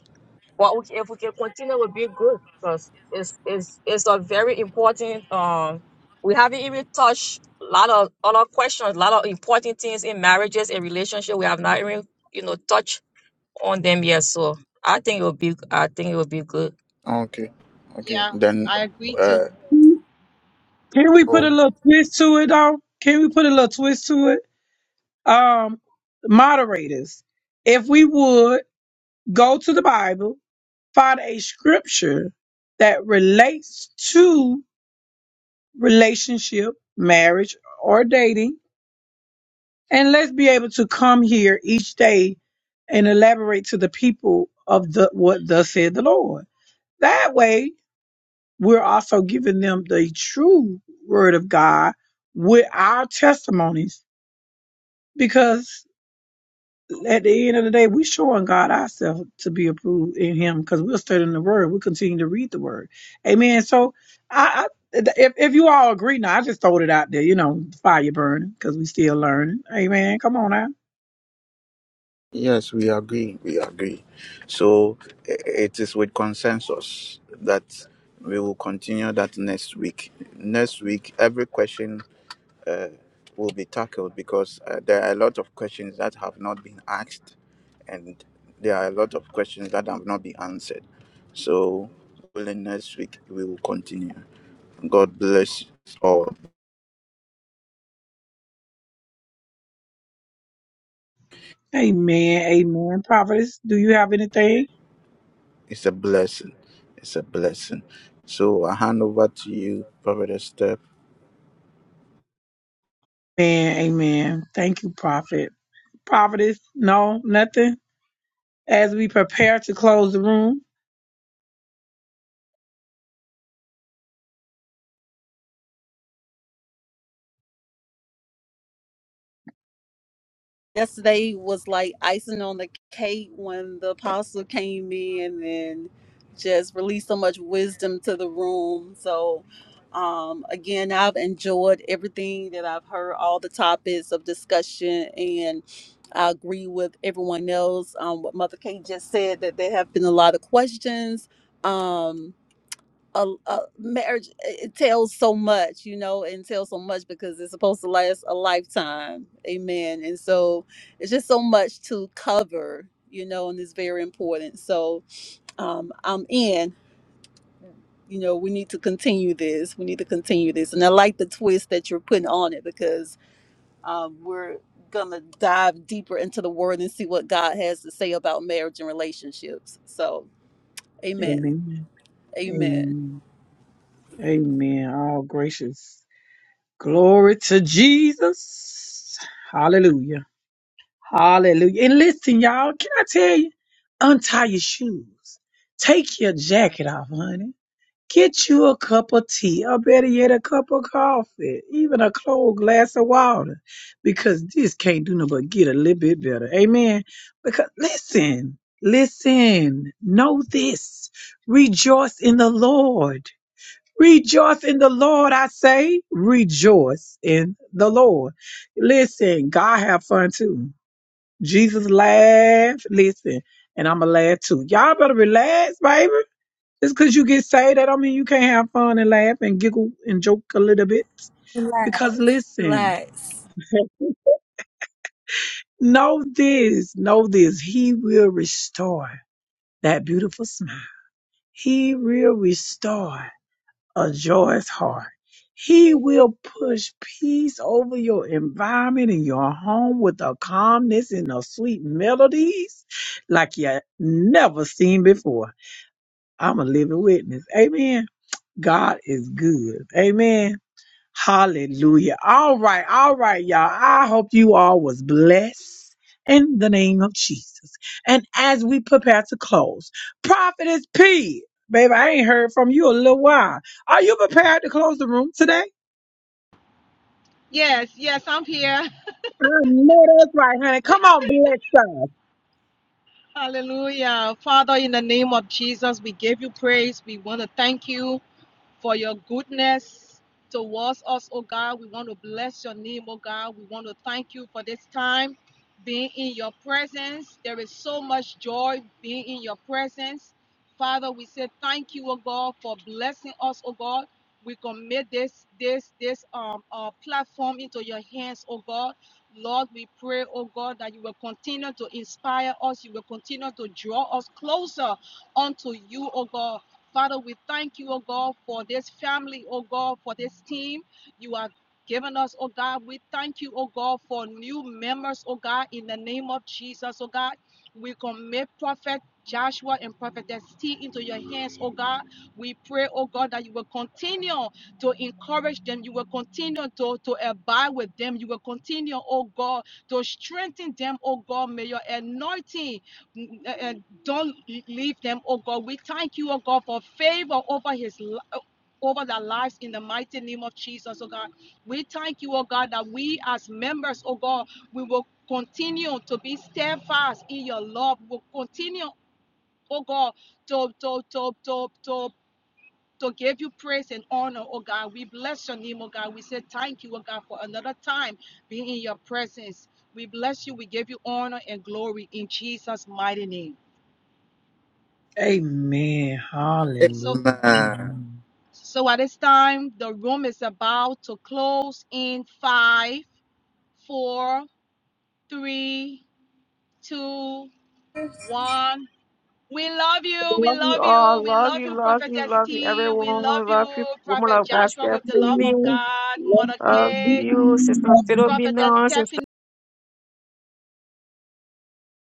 S3: But we, if we can continue, it would be good because it's it's it's a very important. Um, we haven't even touched a lot of other questions, a lot of important things in marriages and relationship. We have not even you know touched on them yet. So I think it will be I think it will be good.
S2: okay okay
S4: Yeah,
S2: then
S4: I agree too.
S1: Can we
S2: Oh,
S1: put a little
S2: okay.
S1: twist to it though? Can we put a little twist to it? Um, moderators, if we would go to the Bible, find a scripture that relates to relationship, marriage, or dating, And let's be able to come here each day and elaborate to the people of the what thus said the Lord. That way, we're also giving them the true word of God with our testimonies. Because at the end of the day, we're showing God ourselves to be approved in Him because we're studying the Word. We continue to read the Word. Amen. So, I, I if, if you all agree now, I just throwed it out there, you know, fire burning because we still learning. Amen. Come on now.
S2: yes, we agree. We agree. So i- it is with consensus that we will continue that next week. Next week, every question will be tackled because uh, there are a lot of questions that have not been asked, and there are a lot of questions that have not been answered. So, within next week, we will continue. God bless us all.
S1: Amen. Amen. Prophetess, do you have anything?
S2: It's a blessing. It's a blessing. So I hand over to you, Prophet Steph.
S1: Amen. Amen. Thank you, Prophet. Prophetess, no, nothing? As we prepare to close the room,
S2: yesterday was like icing on the cake when the apostle came in and just released so much wisdom to the room. So, um, again, I've enjoyed everything that I've heard, all the topics of discussion, and I agree with everyone else. Um, what Mother Kate just said that there have been a lot of questions. Um, a, a marriage it tells so much you know and tells so much because it's supposed to last a lifetime amen and so it's just so much to cover you know and it's very important so um i'm in you know we need to continue this we need to continue this and i like the twist that you're putting on it because um we're gonna dive deeper into the word and see what god has to say about marriage and relationships so amen
S1: Amen.
S2: amen
S1: Amen. Amen. All gracious. Glory to Jesus. Hallelujah. Hallelujah. And listen, y'all, can I tell you? Untie your shoes. Take your jacket off, honey. Get you a cup of tea, or better yet, a cup of coffee, even a cold glass of water, because this can't do nothing but get a little bit better. Amen. Because listen, listen, know this. Rejoice in the Lord. Rejoice in the Lord, I say. Rejoice in the Lord. Listen, God have fun too. Jesus laughed. Listen, and I'ma laugh too. Y'all better relax, baby. Just 'cause you get saved, that don't mean you can't have fun and laugh and giggle and joke a little bit. Because listen,
S2: relax
S1: know this, know this. He will restore that beautiful smile. He will restore a joyous heart. He will push peace over your environment and your home with a calmness and a sweet melodies like you never seen before. I'm a living witness. Amen. God is good. Amen. Hallelujah. All right, all right, y'all. I hope you all was blessed in the name of Jesus. And as we prepare to close, Prophetess P, baby, I ain't heard from you a little while. Are you prepared to close the room today?
S4: Yes, yes, I'm here.
S1: I know that's right, honey. Come on, bless us.
S4: Hallelujah. Father, in the name of Jesus, we give you praise. We want to thank you for your goodness towards us, oh God. We want to bless your name, oh God. We want to thank you for this time being in your presence. There is so much joy being in your presence. Father, we say thank you, oh God, for blessing us, oh God. We commit this this this um uh, platform into your hands, oh God. Lord, we pray, oh God, that you will continue to inspire us. You will continue to draw us closer unto you, oh God. Father, we thank you, oh God, for this family, oh God, for this team you have given us, oh God. We thank you, oh God, for new members, oh God, in the name of Jesus, oh God. We commit Prophet Joshua and Prophetess T into your hands, oh God. We pray, oh God, that you will continue to encourage them. You will continue to, to abide with them. You will continue, oh God, to strengthen them, oh God. May your anointing uh, uh, don't leave them, oh God. We thank you, oh God, for favor over his uh, over their lives in the mighty name of Jesus, oh God. We thank you, oh God, that we as members, oh God, we will continue to be steadfast in your love. We'll continue, oh God, to to to to to to give you praise and honor, oh God. We bless your name, oh God. We say thank you, oh God, for another time being in your presence. We bless you. We give you honor and glory in Jesus' mighty name.
S1: Amen.
S4: So,
S1: Hallelujah.
S2: Amen.
S1: Amen.
S4: so at this time, the room is about to close in five, four, three, two, one. We love you. We
S3: Love you
S4: love you.
S3: all.
S4: We
S3: Love
S4: love
S3: you,
S4: you,
S3: love you,
S4: Prophetess
S3: love you,
S4: T. We
S3: everyone.
S4: love you,
S3: Love you, woman
S4: Prophet
S3: of God,
S4: Joshua, with the love
S3: Stephanie.
S4: of God, Mother
S3: Love
S4: K,
S3: you, Sister
S1: Bless us.
S4: Prophetess
S3: Philomena,
S4: Stephanie.